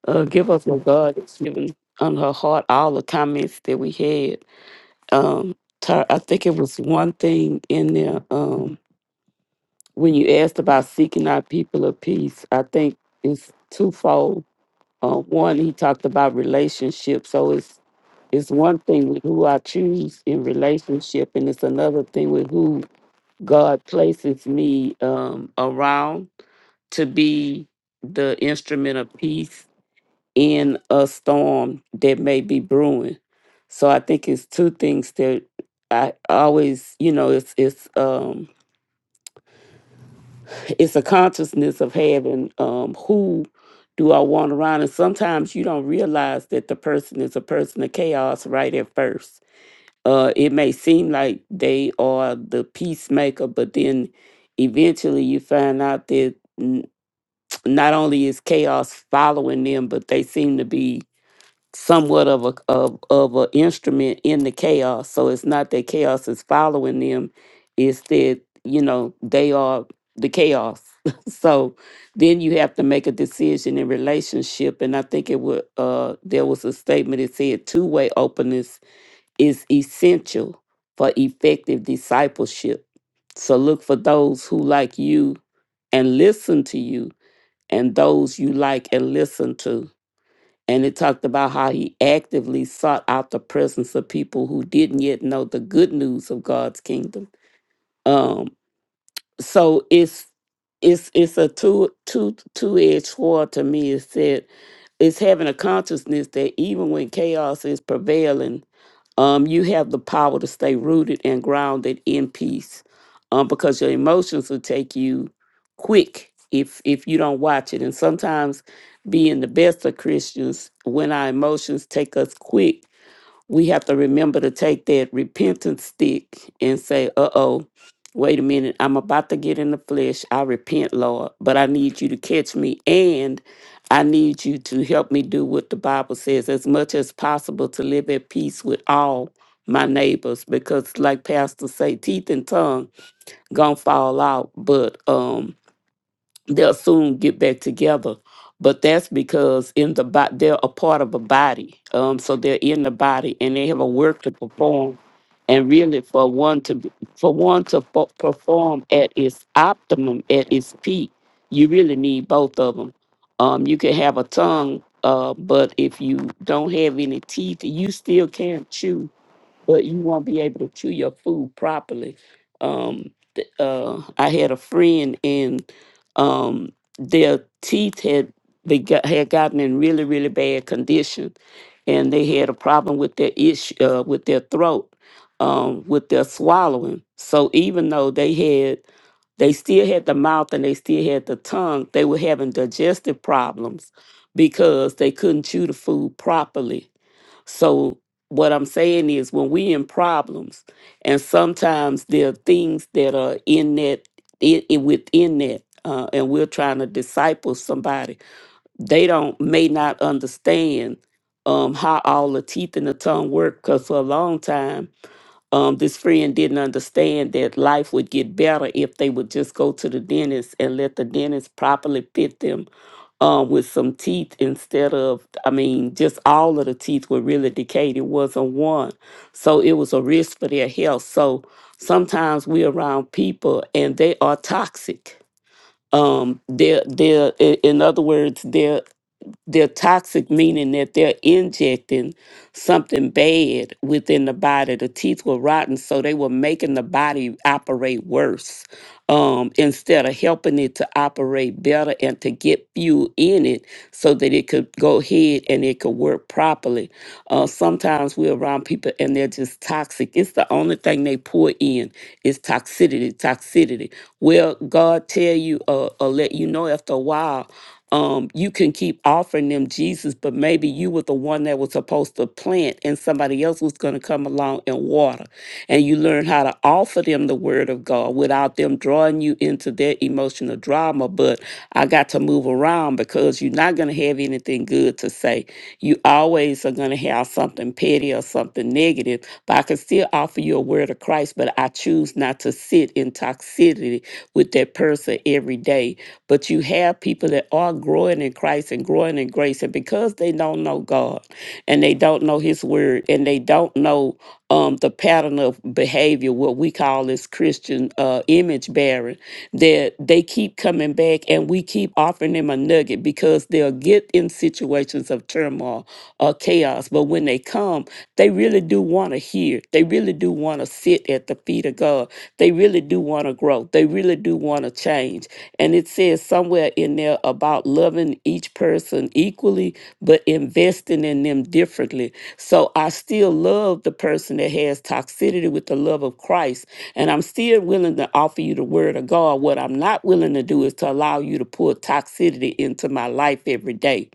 uh, give us what God has given on her heart. All the comments that we had. Um, Tara, I think it was one thing in there um, when you asked about seeking our people of peace. I think it's twofold. Uh, one, he talked about relationships, so it's it's one thing with who I choose in relationship, and it's another thing with who God places me um, around to be the instrument of peace in a storm that may be brewing. So I think it's two things that I always, you know, it's it's um, it's a consciousness of having um, who do I want around, and sometimes you don't realize that the person is a person of chaos right at first uh, it may seem like they are the peacemaker, but then eventually you find out that n- not only is chaos following them, but they seem to be somewhat of a of of an instrument in the chaos. So it's not that chaos is following them; it's that you know they are the chaos. so then you have to make a decision in relationship, and I think it would. Uh, there was a statement that said two way openness is essential for effective discipleship. So look for those who like you and listen to you, and those you like and listen to. And it talked about how he actively sought out the presence of people who didn't yet know the good news of God's kingdom. Um, so it's it's it's a two two two edged sword to me. It said it's having a consciousness that even when chaos is prevailing um, you have the power to stay rooted and grounded in peace, um, because your emotions will take you quick if if you don't watch it. And sometimes, being the best of Christians, when our emotions take us quick, we have to remember to take that repentance stick and say, uh oh, wait a minute, I'm about to get in the flesh. I repent, Lord, but I need you to catch me and I need you to help me do what the Bible says as much as possible to live at peace with all my neighbors because like pastor say teeth and tongue gonna fall out but um." they'll soon get back together. But that's because in the body, they're a part of a body. Um, so they're in the body and they have a work to perform. And really, for one to be, for one to fo- perform at its optimum, at its peak, you really need both of them. Um, you can have a tongue, uh, but if you don't have any teeth, you still can't chew but you won't be able to chew your food properly. Um, th- uh, I had a friend, and um, their teeth had they got, had gotten in really really bad condition, and they had a problem with their issue uh, with their throat, um, with their swallowing. So even though they had they still had the mouth and they still had the tongue. They were having digestive problems because they couldn't chew the food properly so what I'm saying is when we in problems and sometimes there are things that are in that i i- within that uh, and we're trying to disciple somebody, they don't may not understand um, how all the teeth and the tongue work because for a long time um, this friend didn't understand that life would get better if they would just go to the dentist and let the dentist properly fit them um, with some teeth instead of, I mean, just all of the teeth were really decayed. It wasn't one. So it was a risk for their health. So sometimes we're around people and they are toxic. Um, they're, they're, i- in other words, they're. They're toxic, meaning that they're injecting something bad within the body. The teeth were rotten, so they were making the body operate worse um, instead of helping it to operate better and to get fuel in it so that it could go ahead and it could work properly. Uh, sometimes we're around people and they're just toxic. It's the only thing they pour in is toxicity, toxicity. Well, God tell you uh, or let you know after a while um, you can keep offering them Jesus, but maybe you were the one that was supposed to plant and somebody else was going to come along and water. And you learn how to offer them the word of God without them drawing you into their emotional drama. But I got to move around because you're not going to have anything good to say. You always are going to have something petty or something negative. But I can still offer you a word of Christ, but I choose not to sit in toxicity with that person every day but you have people that are growing in Christ and growing in grace. And because they don't know God and they don't know His Word and they don't know um, the pattern of behavior, what we call as Christian uh, image bearing that they keep coming back and we keep offering them a nugget because they'll get in situations of turmoil or chaos. But when they come, they really do want to hear. They really do want to sit at the feet of God. They really do want to grow. They really do want to change. And it says somewhere in there about loving each person equally, but investing in them differently. So I still love the person that has toxicity with the love of Christ. And I'm still willing willing to offer you the word of God, what I'm not willing to do is to allow you to pull toxicity into my life every day.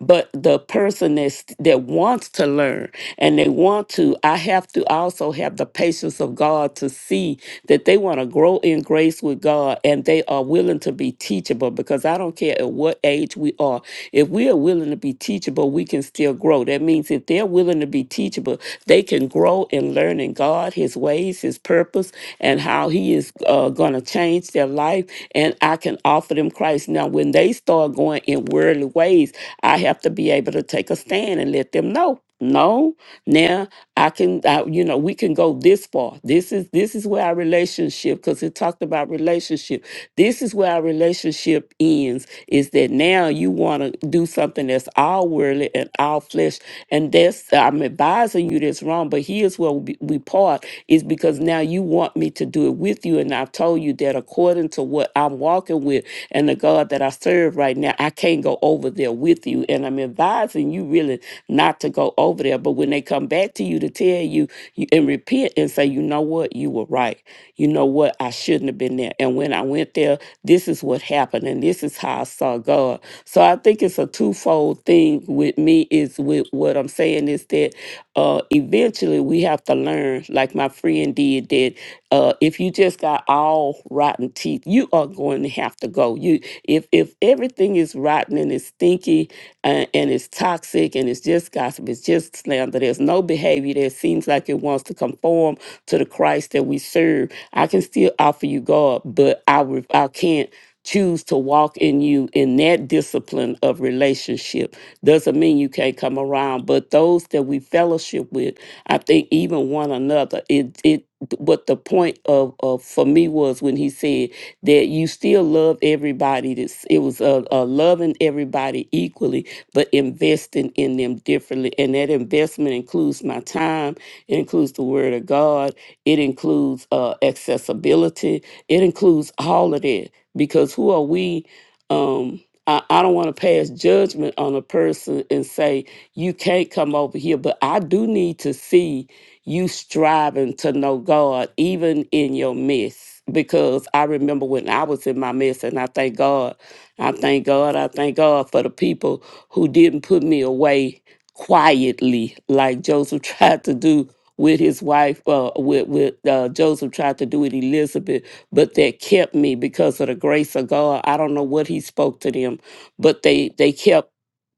But the person that's, that wants to learn and they want to, I have to also have the patience of God to see that they want to grow in grace with God and they are willing to be teachable because I don't care at what age we are. If we are willing to be teachable, we can still grow. That means if they're willing to be teachable, they can grow in learning God, His ways ways, His purpose, and how He is uh, going to change their life. And I can offer them Christ. Now, when they start going in worldly ways, I have to be able to take a stand and let them know. No, now I can, I, you know, we can go this far. This is this is where our relationship, because it talked about relationship. This is where our relationship ends. Is that now you want to do something that's all worldly and all flesh, and that's I'm advising you that's wrong. But he here's where we we part is because now you want me to do it with you. And I've told you that according to what I'm walking with and the God that I serve right now, I can't go over there with you. And I'm advising you really not to go over there. But when they come back to you to tell you, you and repent and say, you know what, you were right. You know what, I shouldn't have been there. And when I went there, this is what happened. And this is how I saw God. So I think it's a twofold thing with me is with what I'm saying is that uh, eventually we have to learn, like my friend did, that uh, if you just got all rotten teeth, you are going to have to go. You, if if everything is rotten and it's stinky and, and it's toxic and it's just gossip, it's just slander. There's no behavior that seems like it wants to conform to the Christ that we serve. I can still offer you God, but I re- I can't choose to walk in you in that discipline of relationship doesn't mean you can't come around, but those that we fellowship with, I think even one another, it it what the point of, of for me was when he said that you still love everybody. This it was uh, uh, loving everybody equally, but investing in them differently, and that investment includes my time, it includes the Word of God, it includes uh, accessibility, it includes all of that. Because who are we? Um, I, I don't want to pass judgment on a person and say, you can't come over here, but I do need to see you striving to know God, even in your mess. Because I remember when I was in my mess, and I thank God, I thank God, I thank God for the people who didn't put me away quietly, like Joseph tried to do with his wife, uh, with, with uh, Joseph tried to do with Elizabeth but that kept me because of the grace of God. I don't know what he spoke to them, but they they kept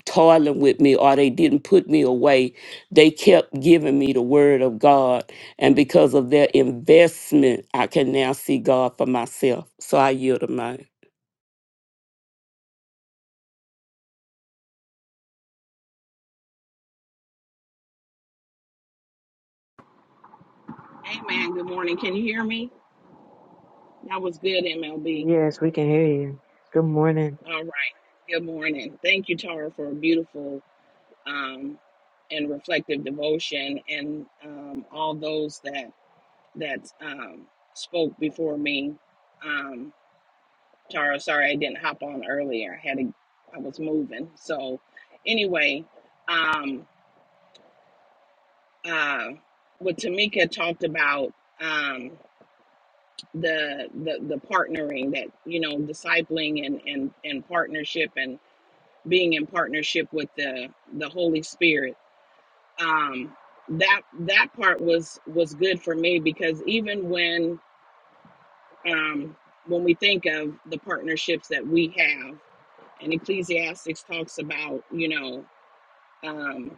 toiling with me or they didn't put me away. They kept giving me the word of God. And because of their investment, I can now see God for myself. So I yield to mine. Amen. Good morning. Can you hear me? That was good, MLB. Yes, we can hear you. Good morning. All right. Good morning. Thank you, Tara, for a beautiful um, and reflective devotion, and um, all those that that um, spoke before me. Um, Tara, sorry I didn't hop on earlier. I had a, I was moving. So anyway, um, uh, what Tamika talked about. Um, the the the partnering that you know discipling and and and partnership and being in partnership with the the holy spirit um that that part was was good for me because even when um when we think of the partnerships that we have and ecclesiastics talks about you know um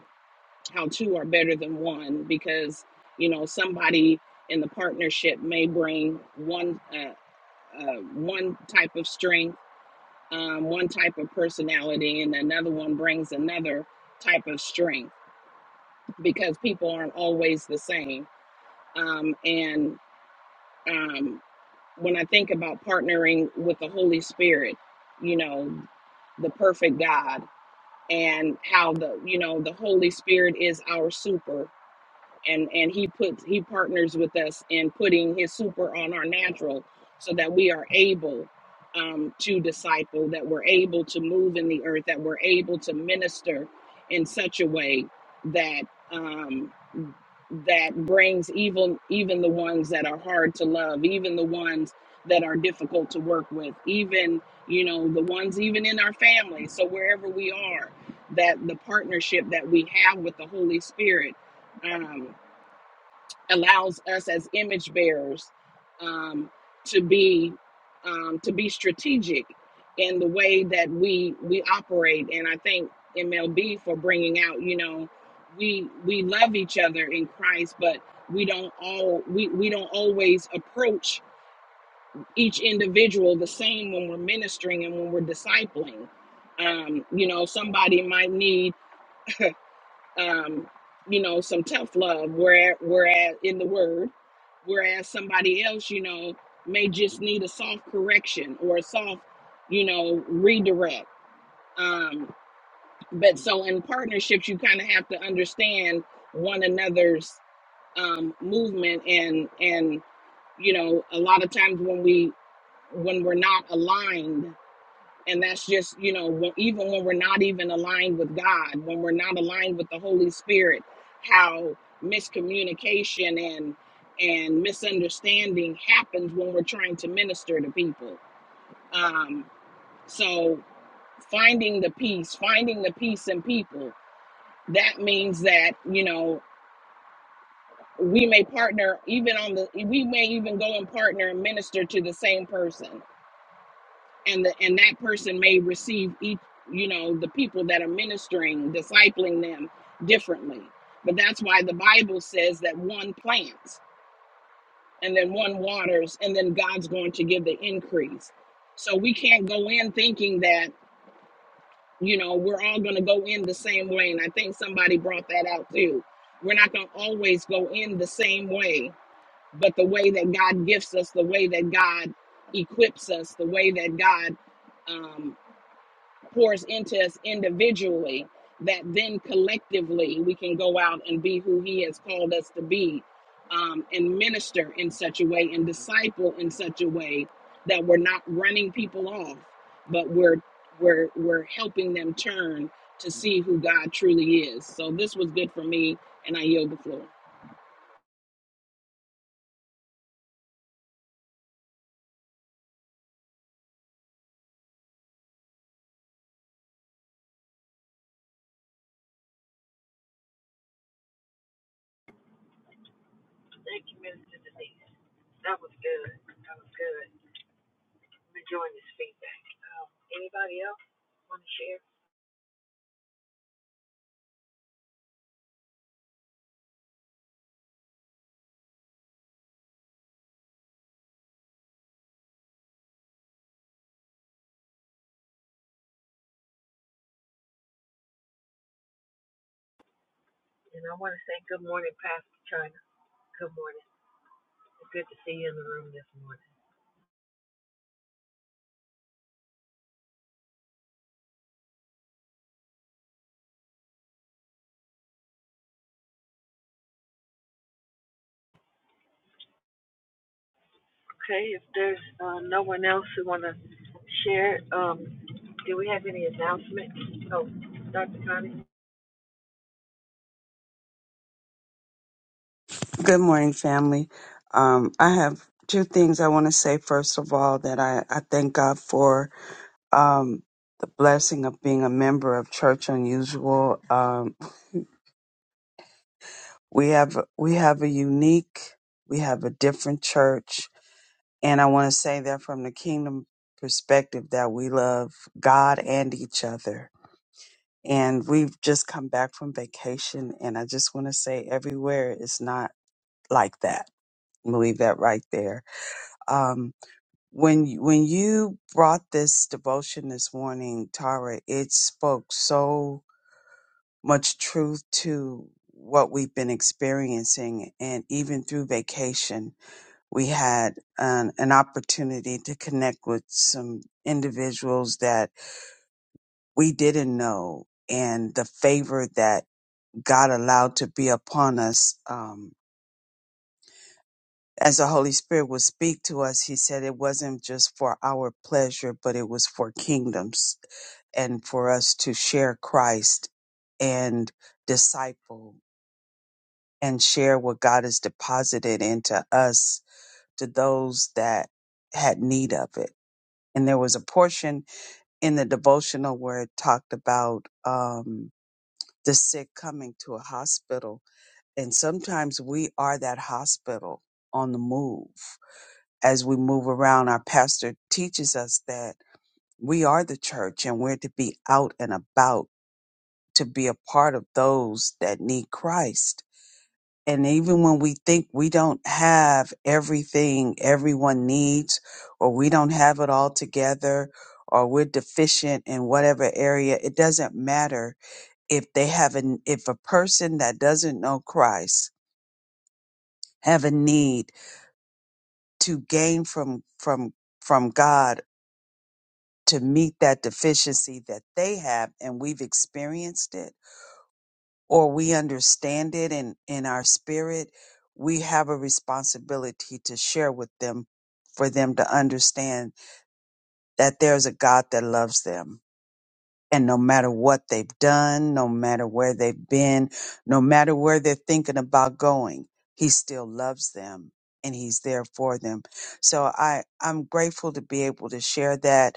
how two are better than one because you know somebody in the partnership may bring one uh, uh, one type of strength um, one type of personality and another one brings another type of strength because people aren't always the same. Um, and um, when I think about partnering with the Holy Spirit, you know, the perfect God and how the, you know, the Holy Spirit is our super. and and he puts he partners with us in putting his super on our natural so that we are able um, to disciple that we're able to move in the earth that we're able to minister in such a way that um, that brings even even the ones that are hard to love even the ones that are difficult to work with even you know the ones even in our family so wherever we are that the partnership that we have with the holy spirit um, allows us as image bearers um, to be um, to be strategic in the way that we we operate and i thank mlb for bringing out you know we we love each other in christ but we don't all we, we don't always approach each individual the same when we're ministering and when we're discipling um, you know somebody might need um, you know, some tough love, where whereas in the word, whereas somebody else, you know, may just need a soft correction or a soft, you know, redirect. Um, but so in partnerships, you kind of have to understand one another's um, movement and and you know, a lot of times when we when we're not aligned and that's just you know even when we're not even aligned with god when we're not aligned with the holy spirit how miscommunication and and misunderstanding happens when we're trying to minister to people um so finding the peace finding the peace in people that means that you know we may partner even on the we may even go and partner and minister to the same person and the, and that person may receive each you know the people that are ministering discipling them differently but that's why the bible says that one plants and then one waters and then god's going to give the increase so we can't go in thinking that you know we're all going to go in the same way and i think somebody brought that out too we're not going to always go in the same way but the way that god gifts us the way that god equips us the way that god um, pours into us individually that then collectively we can go out and be who he has called us to be um, and minister in such a way and disciple in such a way that we're not running people off but we're we're we're helping them turn to see who god truly is so this was good for me and i yield the floor Good morning, family. Um, I have two things I want to say. First of all, that I, I thank God for um, the blessing of being a member of Church Unusual. Um, we have we have a unique, we have a different church, and I want to say that from the kingdom perspective, that we love God and each other. And we've just come back from vacation, and I just want to say everywhere is not like that. I'm gonna Leave that right there. Um, when you- when you brought this devotion this morning, Tara, it spoke so much truth to what we've been experiencing, and even through vacation, we had an, an opportunity to connect with some individuals that we didn't know, and the favor that God allowed to be upon us. Um, as the Holy Spirit would speak to us, he said it wasn't just for our pleasure, but it was for kingdoms and for us to share Christ and disciple and share what God has deposited into us to those that had need of it. And there was a portion in the devotional where it talked about um, the sick coming to a hospital. And sometimes we are that hospital on the move as we move around, our pastor teaches us that we are the church and we're to be out and about to be a part of those that need Christ. And even when we think we don't have everything everyone needs, or we don't have it all together, or we're deficient in whatever area, it doesn't matter if they have an, if a person that doesn't know Christ have a need to gain from, from, from God to meet that deficiency that they have and we've experienced it or we understand it and in our spirit we have a responsibility to share with them for them to understand that there's a God that loves them and no matter what they've done no matter where they've been no matter where they're thinking about going he still loves them and he's there for them so i i'm grateful to be able to share that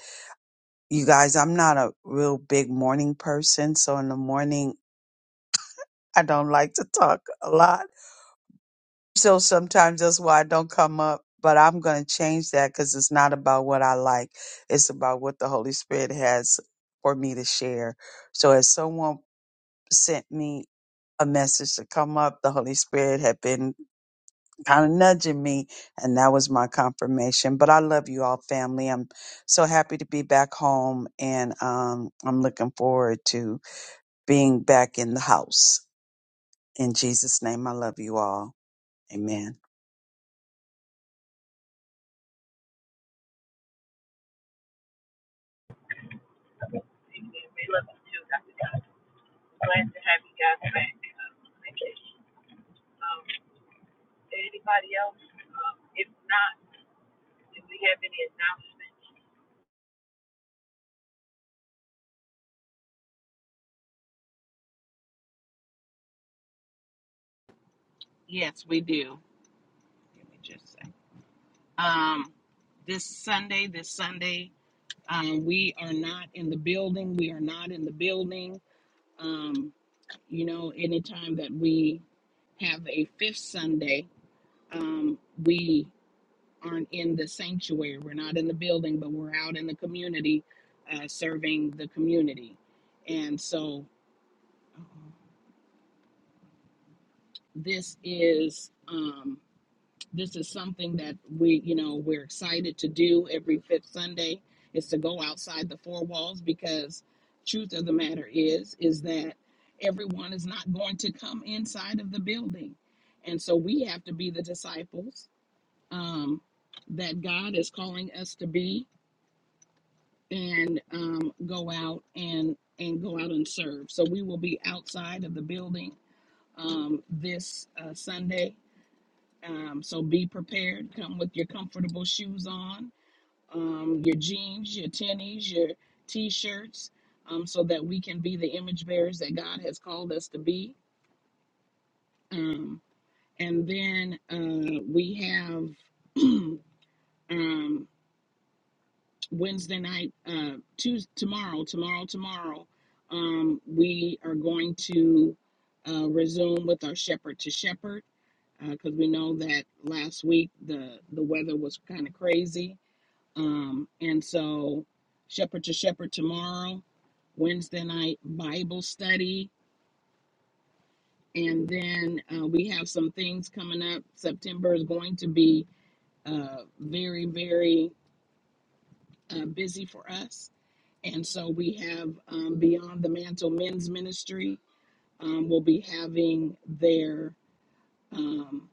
you guys, I'm not a real big morning person. So in the morning, I don't like to talk a lot. So sometimes that's why I don't come up. But I'm going to change that because it's not about what I like, it's about what the Holy Spirit has for me to share. So as someone sent me a message to come up, the Holy Spirit had been kind of nudging me, and that was my confirmation. But I love you all, family. I'm so happy to be back home, and um, I'm looking forward to being back in the house. In Jesus' name, I love you all. Amen. yes we do Let me just say um this sunday this sunday um, we are not in the building we are not in the building Um, you know, anytime that we have a fifth Sunday, um, we aren't in the sanctuary. We're not in the building, but we're out in the community uh, serving the community. And so uh, this is. Um, this is something that we you know we're excited to do every fifth sunday is to go outside the four walls because truth of the matter is is that everyone is not going to come inside of the building and so we have to be the disciples um, that god is calling us to be and um, go out and and go out and serve so we will be outside of the building um, this uh, sunday um, so be prepared. Come with your comfortable shoes on, um, your jeans, your tennies, your t-shirts, um, so that we can be the image bearers that God has called us to be. Um, and then uh, we have um, Wednesday night, uh, Tuesday, tomorrow, tomorrow, tomorrow. Um, we are going to uh, resume with our shepherd to shepherd because we know that last week the the weather was kind of crazy Um, and so, Shepherd to Shepherd tomorrow, Wednesday night Bible study, and then uh, we have some things coming up. September is going to be uh, very, very uh, busy for us. And so, we have um, Beyond the Mantle Men's Ministry um, will be having their um,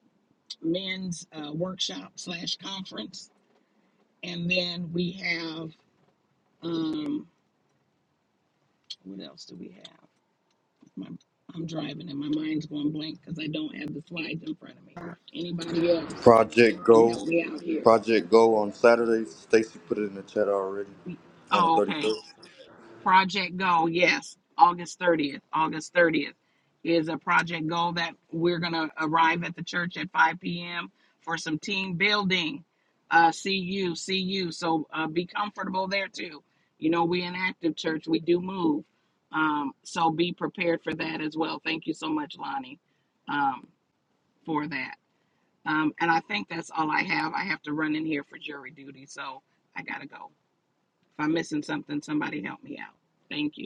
men's uh, workshop slash conference. And then we have, um, what else do we have? My, I'm driving and my mind's going blank because I don't have the slides in front of me. Anybody else Project can help Go, me out here? Project Go on Saturday. Stacy put it in the chat already on the Oh, okay. 31st. Project Go, yes, August 30th. August 30th is a Project Go that we're going to arrive at the church at 5 p.m. for some team building. Uh, see you, see you. So uh, be comfortable there too. You know, we an active church, we do move. Um, so be prepared for that as well. Thank you so much, Lonnie, um, for that. Um, and I think that's all I have. I have to run in here for jury duty, so I gotta go. If I'm missing something, somebody help me out. Thank you.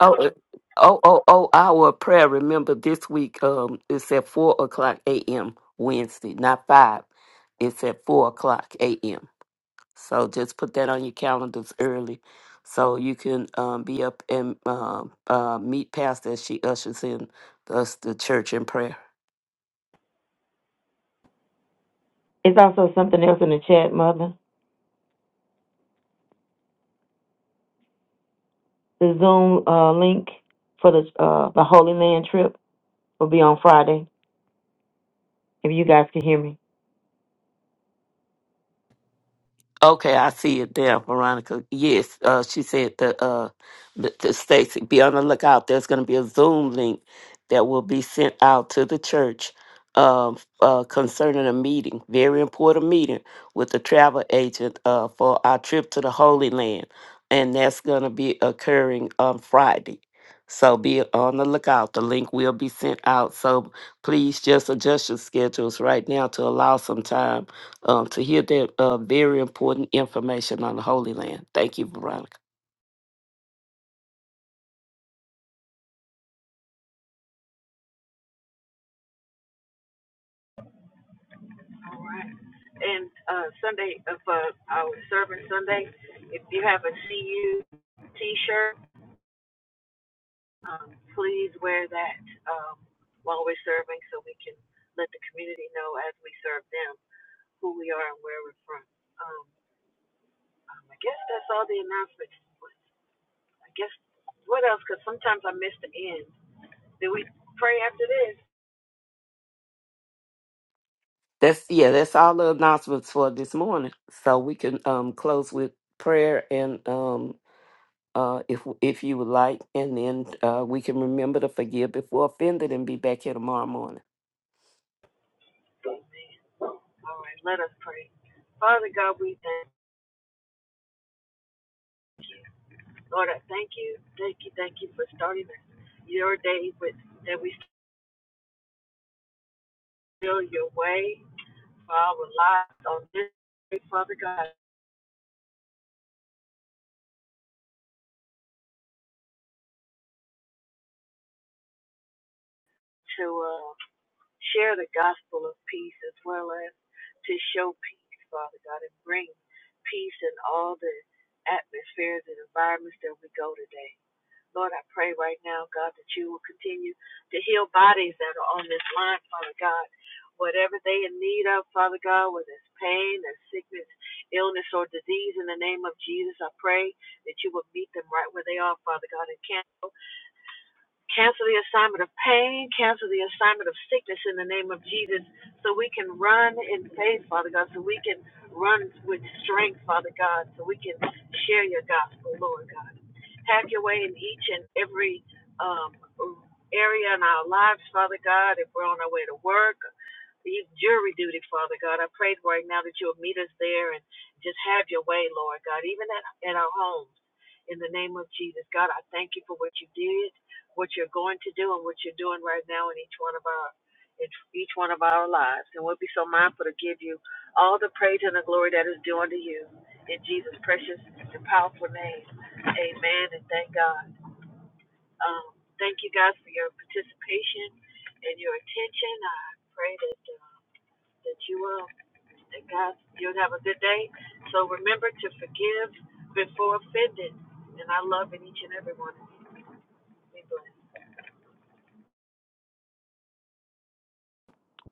Oh, uh, oh, oh, oh, our prayer. Remember this week, um, it's at four o'clock AM Wednesday, not five. It's at four o'clock AM. So just put that on your calendars early so you can um, be up and um uh, meet Pastor as she ushers in us, the church in prayer. Is that there in the chat? The Zoom uh, link for the uh, the Holy Land trip will be on Friday. If you guys can hear me. Okay, I see it there, Veronica. Yes, uh, she said that uh, th- to Stacy, be on the lookout. There's going to be a Zoom link that will be sent out to the church um, uh, concerning a meeting, very important meeting with the travel agent uh, for our trip to the Holy Land, and that's going to be occurring on Friday. So be on the lookout. The link will be sent out. So please just adjust your schedules right now to allow some time um, to hear that uh, very important information on the Holy Land. Thank you, Veronica. That's yeah, that's all the announcements for this morning. So we can um, close with prayer and um, uh, if if you would like, and then uh, we can remember to forgive before offended and be back here tomorrow morning.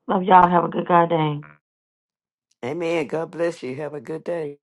Love y'all. Have a good God day. Amen. God bless you. Have a good day.